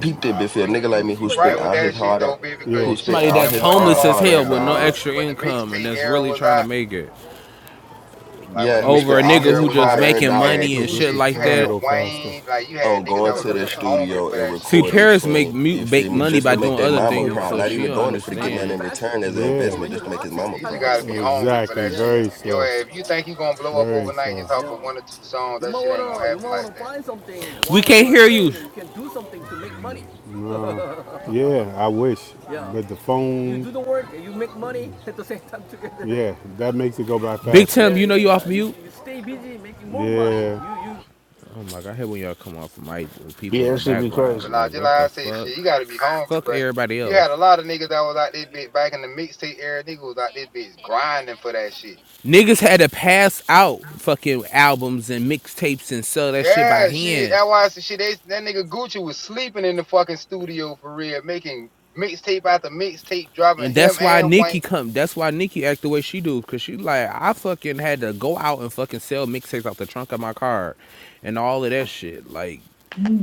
Speaker 10: Pete did
Speaker 21: Nah,
Speaker 10: Biffy,
Speaker 21: but
Speaker 10: a
Speaker 21: you
Speaker 10: nigga like
Speaker 21: you
Speaker 16: This
Speaker 10: me who
Speaker 21: you
Speaker 16: place is
Speaker 10: spent
Speaker 21: right
Speaker 16: safe
Speaker 21: with
Speaker 10: all his
Speaker 21: that
Speaker 16: because you're
Speaker 21: shit
Speaker 10: hard
Speaker 16: here.
Speaker 10: on,
Speaker 21: though, baby. Because
Speaker 16: Yeah,
Speaker 10: who
Speaker 21: you
Speaker 10: spent
Speaker 21: shit,
Speaker 16: Yeah.
Speaker 21: you
Speaker 8: somebody
Speaker 10: all
Speaker 8: that's
Speaker 10: his
Speaker 21: remember when that
Speaker 10: hard
Speaker 8: homeless as
Speaker 10: hard
Speaker 8: hell
Speaker 21: motherfucker
Speaker 10: earned
Speaker 8: with no
Speaker 21: uh
Speaker 10: dollars.
Speaker 8: extra
Speaker 21: when the
Speaker 8: income and
Speaker 21: mixtape
Speaker 8: that's
Speaker 21: era
Speaker 8: really
Speaker 21: was
Speaker 8: trying to
Speaker 21: out,
Speaker 8: make it
Speaker 21: like when
Speaker 10: Yeah,
Speaker 21: the
Speaker 10: who
Speaker 8: over
Speaker 10: spent
Speaker 8: a
Speaker 21: mixtape
Speaker 10: all
Speaker 8: nigga
Speaker 10: his
Speaker 21: era
Speaker 8: who
Speaker 21: was
Speaker 8: just
Speaker 10: hard
Speaker 21: out,
Speaker 10: earned
Speaker 21: shit,
Speaker 8: making
Speaker 21: you had
Speaker 8: money
Speaker 10: dollars
Speaker 8: and
Speaker 16: just wish
Speaker 8: shit
Speaker 16: the
Speaker 21: Gucci, you
Speaker 8: like
Speaker 16: time
Speaker 21: had
Speaker 8: that.
Speaker 16: go faster.
Speaker 21: Wayne, like you
Speaker 10: on
Speaker 21: had niggas that
Speaker 10: going
Speaker 21: was
Speaker 10: to their
Speaker 21: really hungry
Speaker 10: studio
Speaker 21: for
Speaker 10: and
Speaker 21: that shit
Speaker 8: See,
Speaker 10: recording,
Speaker 21: though.
Speaker 8: Paris make
Speaker 10: twin.
Speaker 8: mu-
Speaker 10: You
Speaker 8: make
Speaker 10: feel me?
Speaker 16: It's-
Speaker 8: money
Speaker 16: If
Speaker 10: Just
Speaker 16: you
Speaker 8: by
Speaker 10: to
Speaker 16: have, a,
Speaker 10: make
Speaker 8: doing
Speaker 10: their
Speaker 8: other
Speaker 10: mama
Speaker 16: you
Speaker 8: things,
Speaker 16: have
Speaker 10: proud.
Speaker 8: so
Speaker 10: Not
Speaker 16: something to
Speaker 8: she
Speaker 10: even
Speaker 8: don't
Speaker 16: do,
Speaker 10: doing
Speaker 16: the
Speaker 10: it for to get
Speaker 16: time goes
Speaker 10: nothing in
Speaker 8: understand.
Speaker 16: faster.
Speaker 10: return as an
Speaker 16: Yeah. But
Speaker 10: investment,
Speaker 16: when
Speaker 10: just
Speaker 16: you're
Speaker 10: to make his
Speaker 16: watching,
Speaker 10: mama
Speaker 21: You just
Speaker 16: time
Speaker 10: proud,
Speaker 16: goes
Speaker 21: gotta
Speaker 10: twin.
Speaker 21: be
Speaker 16: slow.
Speaker 21: hungry for
Speaker 16: Exactly.
Speaker 21: that
Speaker 16: Yeah.
Speaker 21: shit.
Speaker 16: Very
Speaker 21: If you
Speaker 16: slow.
Speaker 21: if you think you gonna blow up
Speaker 16: Very
Speaker 21: overnight
Speaker 16: slow.
Speaker 21: just off of one or
Speaker 16: Yeah.
Speaker 21: two songs,
Speaker 16: You
Speaker 21: that
Speaker 16: might
Speaker 21: shit ain't gonna
Speaker 16: wanna, you
Speaker 21: happen
Speaker 16: might wanna
Speaker 21: like that.
Speaker 16: find something
Speaker 8: We
Speaker 16: while you
Speaker 8: can't
Speaker 16: are
Speaker 8: hear
Speaker 16: sitting
Speaker 8: you,
Speaker 16: here. You can do something to make money. [LAUGHS] Yeah, I wish. Yeah. But the phone. You do the work and you make money [LAUGHS] at the same time together. yeah, that makes it go by
Speaker 8: Big
Speaker 16: faster.
Speaker 8: Tim.
Speaker 16: Yeah,
Speaker 8: You know
Speaker 16: yeah,
Speaker 8: you off
Speaker 16: yeah. You,
Speaker 8: mute.
Speaker 16: you stay busy making more Yeah. money. You, you
Speaker 8: Oh my god, I hate when y'all come off mic with people in
Speaker 1: Yeah,
Speaker 8: the
Speaker 1: that shit be crazy.
Speaker 21: But
Speaker 8: background.
Speaker 21: nah,
Speaker 8: Like,
Speaker 21: just like
Speaker 8: what
Speaker 21: I
Speaker 8: the
Speaker 21: say,
Speaker 8: fuck?
Speaker 21: shit, you gotta be hungry,
Speaker 8: Fuck
Speaker 21: bro.
Speaker 8: everybody
Speaker 21: You
Speaker 8: else.
Speaker 21: had a lot of niggas that was out this bitch back in the mixtape era. Niggas was out this bitch grinding for that shit.
Speaker 8: Niggas had to pass out fucking albums and mixtapes and sell that shit by
Speaker 21: Yeah, shit.
Speaker 8: hand.
Speaker 21: That's why I said, shit. They, that nigga Gucci was sleeping in the fucking studio for real, making mixtape after mixtape, dropping
Speaker 8: And that's
Speaker 21: him
Speaker 8: why
Speaker 21: and
Speaker 8: Nicki
Speaker 21: Wayne.
Speaker 8: come. That's why Nicki act the way she do, cause she like I fucking had to go out and fucking sell mixtapes out the trunk of my car, and all of that shit. Like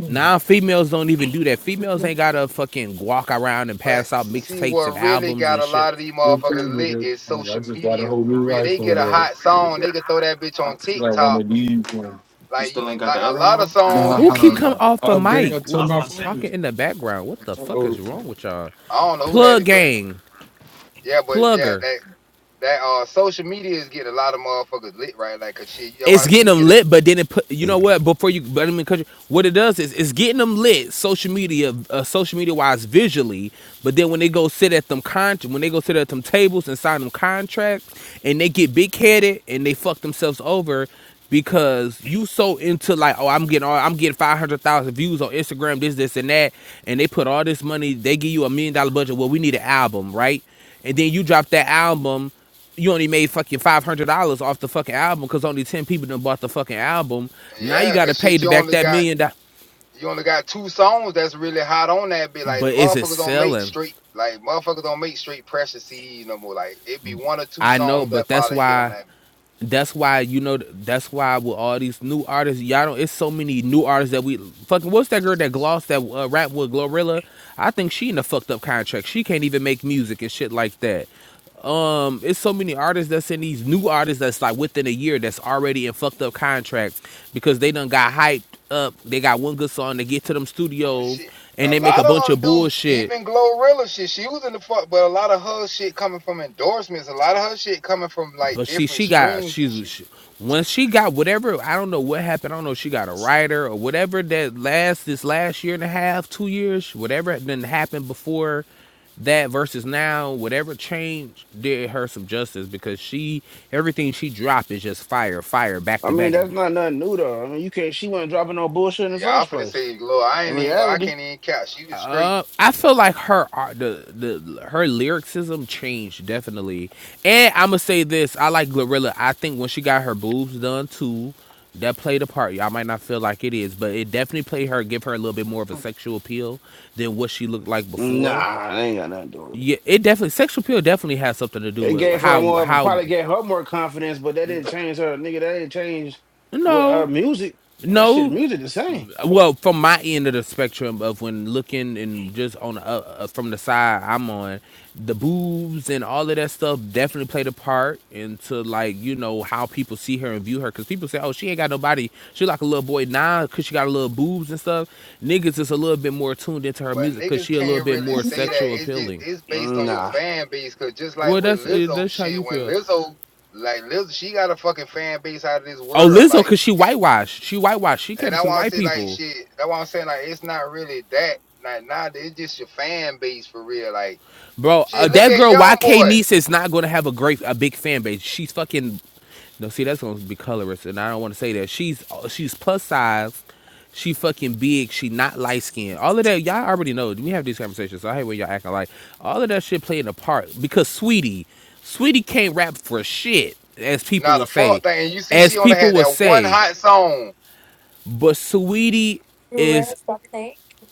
Speaker 8: now, females don't even do that. Females ain't gotta fucking walk around and
Speaker 21: But
Speaker 8: pass out
Speaker 21: see,
Speaker 8: mixtapes and
Speaker 21: what really
Speaker 8: albums
Speaker 21: got
Speaker 8: and
Speaker 21: a
Speaker 8: shit.
Speaker 21: lot of these
Speaker 22: What
Speaker 21: motherfuckers
Speaker 22: time is
Speaker 21: lit
Speaker 22: it?
Speaker 21: is
Speaker 22: Like, I
Speaker 21: social
Speaker 22: just got a
Speaker 21: media
Speaker 22: whole
Speaker 21: for
Speaker 22: new
Speaker 21: real. They get
Speaker 22: iPhone,
Speaker 21: a
Speaker 22: bro.
Speaker 21: hot song, they can throw that bitch
Speaker 22: I
Speaker 21: on
Speaker 22: still got one
Speaker 21: TikTok.
Speaker 22: of these ones. You
Speaker 21: Like, you-
Speaker 22: still ain't got
Speaker 21: like
Speaker 22: the
Speaker 21: a
Speaker 22: other
Speaker 21: lot of
Speaker 22: one?
Speaker 21: songs
Speaker 22: Nah,
Speaker 21: you
Speaker 8: Who keep
Speaker 22: nah,
Speaker 21: see.
Speaker 8: coming
Speaker 22: nah.
Speaker 8: off
Speaker 22: I
Speaker 8: the
Speaker 22: upgrade.
Speaker 8: mic,
Speaker 22: I turned my
Speaker 8: what,
Speaker 22: phone.
Speaker 8: talking in the background? What the fuck is
Speaker 22: Oh,
Speaker 8: wrong with y'all?
Speaker 21: I don't know who that
Speaker 8: Plug
Speaker 21: is, but
Speaker 8: gang,
Speaker 21: yeah, but yeah,
Speaker 8: plugger.
Speaker 21: that that uh social media is getting a lot of motherfuckers lit right. Like, cause shit, yo, I
Speaker 8: it's
Speaker 21: see
Speaker 8: getting
Speaker 21: you
Speaker 8: them
Speaker 21: can get
Speaker 8: lit, but then it put you know what before you but I mean, country, what it does is it's getting them lit social media uh, social media wise visually, but then when they go sit at them con when they go sit at them tables and sign them contracts and they get big headed and they fuck themselves over because you so into like oh I'm getting all I'm getting five hundred thousand views on Instagram this this and that and they put all this money they give you a million dollar budget well we need an album right and then you drop that album you only made fucking five hundred dollars off the fucking album because only ten people done bought the fucking album.
Speaker 21: a
Speaker 8: Now you
Speaker 21: yeah, cause
Speaker 8: got to pay
Speaker 21: shit,
Speaker 8: to
Speaker 21: you
Speaker 8: back
Speaker 21: only
Speaker 8: that
Speaker 21: got
Speaker 8: million dollars,
Speaker 21: You only got two songs that's really hot on that bit. Like
Speaker 8: but is it
Speaker 21: motherfuckers don't make
Speaker 8: selling?
Speaker 21: straight like motherfuckers don't make straight pressure CDs no more. Like it'd be one or two
Speaker 8: I know,
Speaker 21: songs
Speaker 8: but
Speaker 21: that
Speaker 8: that's
Speaker 21: probably hit on
Speaker 8: why
Speaker 21: that.
Speaker 8: That's why you know. That's why with all these new artists, y'all don't. It's so many new artists that we fucking. What's that girl that glossed that uh, rap with Glorilla? I think she in a fucked up contract. She can't even make music and shit like that. Um, it's so many artists that's in these new artists that's like within a year that's already in fucked up contracts because they done got hyped up. They got one good song. They get to them
Speaker 21: But
Speaker 8: studios
Speaker 21: shit,
Speaker 8: and
Speaker 21: a
Speaker 8: they make a
Speaker 21: lot
Speaker 8: bunch of
Speaker 21: of them do.
Speaker 8: bullshit
Speaker 21: Even Glorilla shit, she was in the fuck, but a lot of her shit coming from endorsements. A lot of her shit coming from like
Speaker 8: But see,
Speaker 21: different
Speaker 8: she got
Speaker 21: streams and
Speaker 8: she's
Speaker 21: shit.
Speaker 8: she, when she got whatever I don't know what happened. I don't know if she got a writer or whatever that last this last year and a half, two years, whatever had been happened before that versus now, whatever change did her some justice because she everything she dropped is just fire, fire back
Speaker 1: I
Speaker 8: to
Speaker 1: mean,
Speaker 8: back
Speaker 1: that's not nothing new though. I mean, you can't. She wasn't dropping no bullshit in the
Speaker 21: Yeah, I'm
Speaker 1: first
Speaker 21: finna
Speaker 1: place.
Speaker 21: say Glo. I
Speaker 1: In
Speaker 21: ain't even gonna. I
Speaker 1: reality,
Speaker 21: can't even count. She was straight.
Speaker 8: I feel like her art, the the her lyricism changed definitely, and I'm gonna say this: I like Glorilla. I think when she got her boobs done too, that played a part. Y'all might not feel like it is, but it definitely played her, give her a little bit more of a sexual appeal than what she looked like before.
Speaker 1: nah, it ain't got nothing to do with it.
Speaker 8: Yeah, it definitely sexual appeal definitely has something to do
Speaker 1: It
Speaker 8: with
Speaker 1: gave her
Speaker 8: how
Speaker 1: more of a
Speaker 8: how
Speaker 1: probably gave her more confidence, but that didn't change her nigga. That didn't change what her
Speaker 8: no
Speaker 1: music. That shit,
Speaker 8: no
Speaker 1: music the same.
Speaker 8: well from my end of the spectrum of when looking and just on the, uh, uh, from the side i'm on the boobs and all of that stuff definitely played a part into like you know how people see her and view her because people say oh she ain't got no body she like a little boy now because she got a little boobs and stuff niggas is a little bit more tuned into her
Speaker 21: But
Speaker 8: music because
Speaker 21: niggas
Speaker 8: she a little
Speaker 21: can't
Speaker 8: bit
Speaker 21: really
Speaker 8: more
Speaker 21: say that.
Speaker 8: sexual
Speaker 21: It's just
Speaker 8: appealing
Speaker 21: it's based
Speaker 1: Mm,
Speaker 21: on your
Speaker 1: Nah,
Speaker 21: fan base. Cause just like
Speaker 8: well
Speaker 21: with
Speaker 8: that's uh,
Speaker 21: Lizzo
Speaker 8: that's how
Speaker 21: shit,
Speaker 8: you
Speaker 21: when
Speaker 8: feel
Speaker 21: Lizzo, like Lizzo, she got a fucking fan base out of this
Speaker 8: oh
Speaker 21: world.
Speaker 8: lizzo
Speaker 21: Like,
Speaker 8: because she
Speaker 21: and,
Speaker 8: whitewashed she whitewashed she
Speaker 21: and
Speaker 8: came
Speaker 21: I
Speaker 8: to the
Speaker 21: want
Speaker 8: white
Speaker 21: to say like
Speaker 8: people
Speaker 21: shit. That's why I'm saying like it's not really that. Like nah, it's just your fan base for real. Like
Speaker 8: Bro, uh,
Speaker 21: shit, look
Speaker 8: that
Speaker 21: at
Speaker 8: girl
Speaker 21: Young
Speaker 8: YK
Speaker 21: Boy.
Speaker 8: Niece is not gonna have a great, a big fan base. She's fucking. No, see, that's gonna be colorist, and I don't want to say that. She's uh, she's plus size. She fucking big. She not light skinned. All of that, y'all already know. We have these conversations. So I hate when y'all acting like all of that shit playing a part because Sweetie, Sweetie can't rap for shit, as people
Speaker 21: Nah,
Speaker 8: will
Speaker 21: the
Speaker 8: say,
Speaker 21: fuck thing. You see,
Speaker 8: as
Speaker 21: she only
Speaker 8: people
Speaker 21: had
Speaker 8: will
Speaker 21: that one
Speaker 8: say.
Speaker 21: hot song.
Speaker 8: But Sweetie is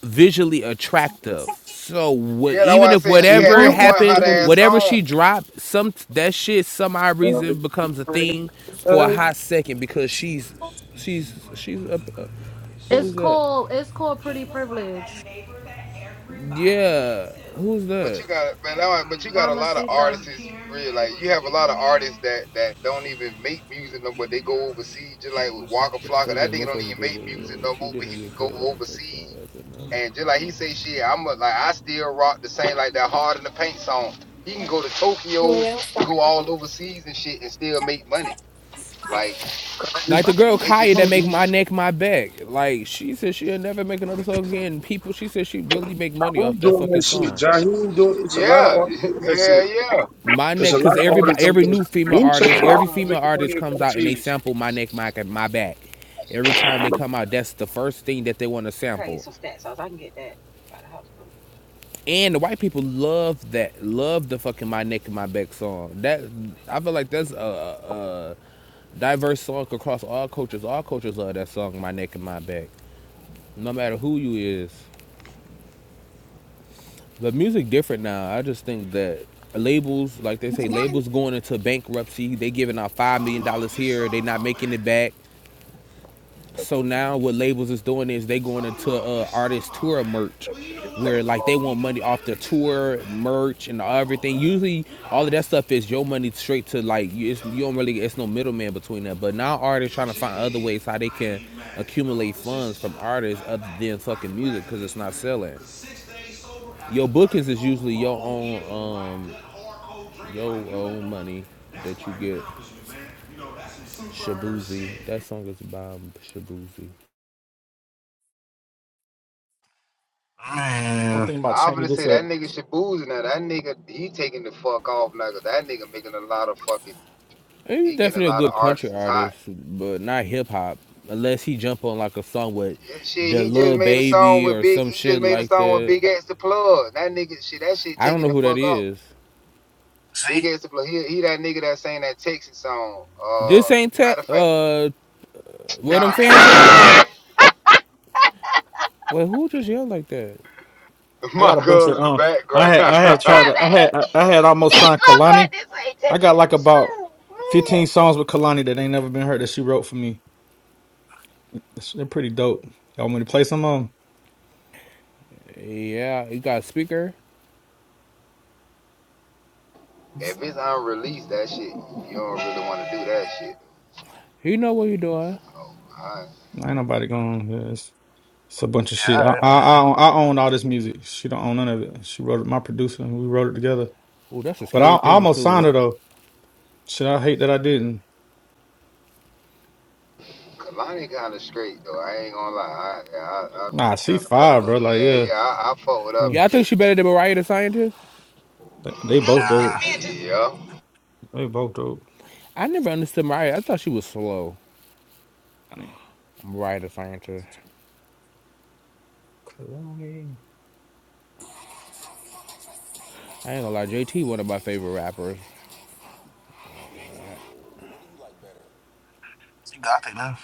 Speaker 8: visually attractive. So what,
Speaker 21: Yeah, that's
Speaker 8: even
Speaker 21: why I
Speaker 8: if
Speaker 21: say she had
Speaker 8: whatever
Speaker 21: that one
Speaker 8: happened,
Speaker 21: hot ass
Speaker 8: whatever she
Speaker 21: song.
Speaker 8: dropped, some that shit some odd reason becomes a thing for a hot second
Speaker 18: To his
Speaker 8: because she's
Speaker 18: neighbors, he seemed
Speaker 8: she's
Speaker 18: like one
Speaker 8: she's
Speaker 18: of
Speaker 8: up.
Speaker 18: the
Speaker 8: Uh,
Speaker 18: good guys.
Speaker 23: It's
Speaker 8: who's that?
Speaker 23: called it's called
Speaker 18: He
Speaker 23: Pretty
Speaker 18: was like that
Speaker 23: Privilege.
Speaker 18: neighbor that everybody went
Speaker 8: Yeah,
Speaker 18: to.
Speaker 8: who's
Speaker 21: But
Speaker 8: that?
Speaker 21: you got man, I,
Speaker 18: Everybody
Speaker 21: but you got a
Speaker 18: loved him.
Speaker 21: lot of
Speaker 18: He was
Speaker 23: Mamacita.
Speaker 18: a
Speaker 21: artists
Speaker 18: caring
Speaker 21: real
Speaker 18: man. He
Speaker 21: like
Speaker 18: was
Speaker 21: you
Speaker 18: a
Speaker 21: have a lot
Speaker 18: giving
Speaker 21: of
Speaker 18: man.
Speaker 21: artists that that don't even make music no more.
Speaker 18: In
Speaker 21: They go
Speaker 18: reality,
Speaker 21: overseas just like
Speaker 18: he
Speaker 21: with
Speaker 18: was the
Speaker 21: Waka
Speaker 18: killer
Speaker 8: But the
Speaker 21: Flocka.
Speaker 8: thing is,
Speaker 21: That
Speaker 18: who
Speaker 21: nigga
Speaker 8: most
Speaker 21: don't
Speaker 8: folks
Speaker 18: come
Speaker 21: even
Speaker 8: bigger.
Speaker 18: to
Speaker 21: make
Speaker 18: be
Speaker 21: music
Speaker 18: known
Speaker 21: no
Speaker 8: She
Speaker 21: more, but
Speaker 8: didn't
Speaker 21: he
Speaker 18: as
Speaker 21: can
Speaker 18: the
Speaker 8: get
Speaker 21: go
Speaker 8: paid on her first song.
Speaker 21: overseas
Speaker 8: That's another.
Speaker 21: and just
Speaker 18: Grim.
Speaker 21: like he
Speaker 18: Hey,
Speaker 21: say shit, I'm a, like I still rock the same like that hard in the paint song. He can
Speaker 18: hey.
Speaker 21: go to Tokyo, go all overseas and shit and still make money. Like
Speaker 8: Like the girl
Speaker 21: it
Speaker 8: Kaya that
Speaker 21: just
Speaker 8: make my neck my back. Like she said she'll never make another song again. People, she said she really make money
Speaker 12: Who
Speaker 8: off that
Speaker 12: doing that
Speaker 8: fucking
Speaker 12: shit?
Speaker 8: song.
Speaker 12: John Who doing it's a lot of
Speaker 21: yeah,
Speaker 12: artists
Speaker 21: [LAUGHS]
Speaker 12: doing that shit.
Speaker 21: hell yeah.
Speaker 8: My
Speaker 12: There's a
Speaker 8: neck,
Speaker 12: lot
Speaker 8: cause
Speaker 12: of artists
Speaker 8: everybody,
Speaker 12: on
Speaker 8: every
Speaker 12: the
Speaker 8: new female
Speaker 12: Wu
Speaker 8: artist,
Speaker 12: Tang
Speaker 8: every female
Speaker 12: making money
Speaker 8: artist comes
Speaker 12: and
Speaker 8: out and they
Speaker 12: fees.
Speaker 8: sample my neck, my my back. Every time they come out, that's the first thing that they want to sample. And the white people love that, love the fucking my neck and my back song. That I feel like that's a, a, diverse song across all cultures. All cultures love that song, my neck and my back. No matter who you is, the music different now. I just think that labels, like they say, labels going into bankruptcy. They giving out five
Speaker 18: Stall
Speaker 8: million
Speaker 18: him out,
Speaker 8: dollars
Speaker 18: bitch.
Speaker 8: here. They
Speaker 18: Stall him
Speaker 8: not
Speaker 18: out, man.
Speaker 8: making it back. So now what labels is doing is they going
Speaker 18: Stall him
Speaker 8: into
Speaker 18: out, bitch.
Speaker 8: uh,
Speaker 18: Stall him
Speaker 8: artist
Speaker 18: out, man.
Speaker 8: tour merch,
Speaker 18: Well, he know not
Speaker 8: where
Speaker 18: what the
Speaker 8: like they
Speaker 18: f- he
Speaker 8: want
Speaker 18: do,
Speaker 8: money
Speaker 18: man.
Speaker 8: off
Speaker 18: Look
Speaker 8: the
Speaker 18: at this dude,
Speaker 8: tour
Speaker 18: man.
Speaker 8: merch and
Speaker 18: Come on,
Speaker 8: everything.
Speaker 18: brother.
Speaker 8: Usually all of
Speaker 18: Relax.
Speaker 8: that stuff is your money straight to
Speaker 18: You
Speaker 8: like you. It's,
Speaker 18: feel
Speaker 8: you don't
Speaker 18: me?
Speaker 8: really it's no middleman between that. But now artists trying to find other
Speaker 18: Eugene,
Speaker 8: ways how they
Speaker 18: I ain't
Speaker 8: can
Speaker 18: even mad at you,
Speaker 8: accumulate
Speaker 18: dog. This
Speaker 8: funds
Speaker 18: is your
Speaker 8: from
Speaker 18: job.
Speaker 8: artists
Speaker 18: Matter of
Speaker 8: other
Speaker 18: fact,
Speaker 8: than
Speaker 18: I
Speaker 8: fucking music because
Speaker 18: congratulate
Speaker 8: it's
Speaker 18: you,
Speaker 8: not
Speaker 18: man.
Speaker 8: selling.
Speaker 18: Cause six days sober after
Speaker 8: Your bookings is
Speaker 18: 34
Speaker 8: usually your
Speaker 18: long years of
Speaker 8: own
Speaker 18: rock
Speaker 8: um
Speaker 18: gut, hardcore drinking like
Speaker 8: your
Speaker 18: you've been
Speaker 8: own
Speaker 18: doing,
Speaker 8: money
Speaker 18: that's
Speaker 8: that you
Speaker 18: quite an
Speaker 8: get.
Speaker 18: accomplishment, man. You know, that's some superb
Speaker 8: Shabuzi,
Speaker 18: shit.
Speaker 8: that song is by Shabuzi.
Speaker 9: I'm
Speaker 1: man.
Speaker 9: thinking about
Speaker 21: I'm gonna
Speaker 9: changing
Speaker 21: say
Speaker 9: this. uh,
Speaker 21: that nigga Shaboozin now. That nigga, he taking the fuck off now. 'cause that nigga making a lot of fucking He
Speaker 8: He's
Speaker 21: get a
Speaker 8: definitely
Speaker 21: lot
Speaker 8: a
Speaker 21: of
Speaker 8: good country
Speaker 21: artists hot.
Speaker 8: artist, but not hip hop. Unless he jump on like a song with
Speaker 21: Yeah, Shit,
Speaker 8: the
Speaker 21: he just
Speaker 8: little
Speaker 21: made a song
Speaker 8: baby
Speaker 21: with
Speaker 8: or
Speaker 21: Big.
Speaker 8: some
Speaker 21: He just
Speaker 8: shit
Speaker 21: made a
Speaker 8: like
Speaker 21: song with
Speaker 8: that.
Speaker 21: Big X the Plug. That nigga, shit, that shit
Speaker 8: I don't
Speaker 21: taking
Speaker 8: know
Speaker 21: the
Speaker 8: who that
Speaker 21: fuck off.
Speaker 8: is.
Speaker 21: Big
Speaker 1: See,
Speaker 21: X the Plug. He, he that nigga that sang that Texas song. Uh,
Speaker 8: This ain't ta-
Speaker 21: matter of fact,
Speaker 8: uh where
Speaker 21: nah,
Speaker 8: them
Speaker 1: how you
Speaker 8: fans
Speaker 1: don't
Speaker 8: at?
Speaker 1: know?
Speaker 8: Wait, who just yelled like that?
Speaker 21: [LAUGHS]
Speaker 9: I
Speaker 21: my
Speaker 9: got a bunch
Speaker 21: girl
Speaker 9: of
Speaker 21: in the
Speaker 9: um. I
Speaker 21: background. [LAUGHS]
Speaker 9: had I had tried
Speaker 21: My
Speaker 9: to, I
Speaker 21: bad.
Speaker 9: had I, I had almost signed Kalani. I got like about 15 songs with Kalani that ain't never been heard that she wrote for me. It's- They're pretty dope. Y'all want me to play some of 'em?
Speaker 8: Yeah, you got a speaker.
Speaker 21: if it's unreleased, that shit, you don't really want to do that shit.
Speaker 8: He know what you doing.
Speaker 21: Oh, I,
Speaker 9: Ain't nobody going. Yeah, it's, it's a bunch of
Speaker 1: Yeah,
Speaker 9: shit. I,
Speaker 1: all right.
Speaker 9: I I own I own all this music. She don't own none of it. She wrote it. My producer and we wrote it together.
Speaker 8: Oh, that's a
Speaker 9: But I,
Speaker 8: scary
Speaker 9: I
Speaker 8: thing
Speaker 9: almost
Speaker 8: too.
Speaker 9: signed her
Speaker 8: right?
Speaker 9: though. Shit, I hate that I didn't.
Speaker 21: Kalani kind of straight though. I ain't gonna lie. I, yeah, I, I
Speaker 9: Nah, she
Speaker 21: kind of fuck
Speaker 9: five,
Speaker 21: with.
Speaker 9: bro. Like
Speaker 21: Yeah,
Speaker 9: yeah,
Speaker 21: yeah, I, I fuck with her
Speaker 9: Hmm.
Speaker 8: Yeah, I think
Speaker 21: music
Speaker 8: she
Speaker 21: too.
Speaker 8: better than Mariah the Scientist.
Speaker 9: they,
Speaker 21: No,
Speaker 9: they both
Speaker 21: cause this
Speaker 1: Nah,
Speaker 9: dope.
Speaker 21: man just. Yeah.
Speaker 9: They both dope.
Speaker 8: I never understood Mariah. I thought she was slow.
Speaker 9: I mean,
Speaker 8: Mariah the Scientist.
Speaker 9: Kalani
Speaker 8: I ain't gonna lie, JT one of my favorite rappers.
Speaker 1: she got it now.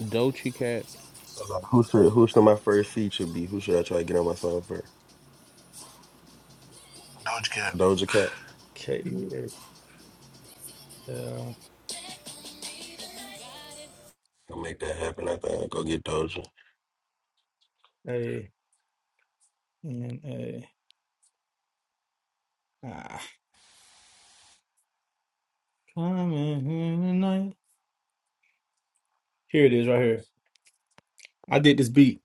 Speaker 8: Dochi Cat.
Speaker 10: So like, who should who should my first feature be? Who should I try to get on my song for?
Speaker 1: Doja Cat.
Speaker 10: Doja Cat.
Speaker 9: K E L
Speaker 10: I'll make that happen. I think I'll go get Doja.
Speaker 9: A N A. Ah, coming here tonight. Here it is, right here. I did this beat.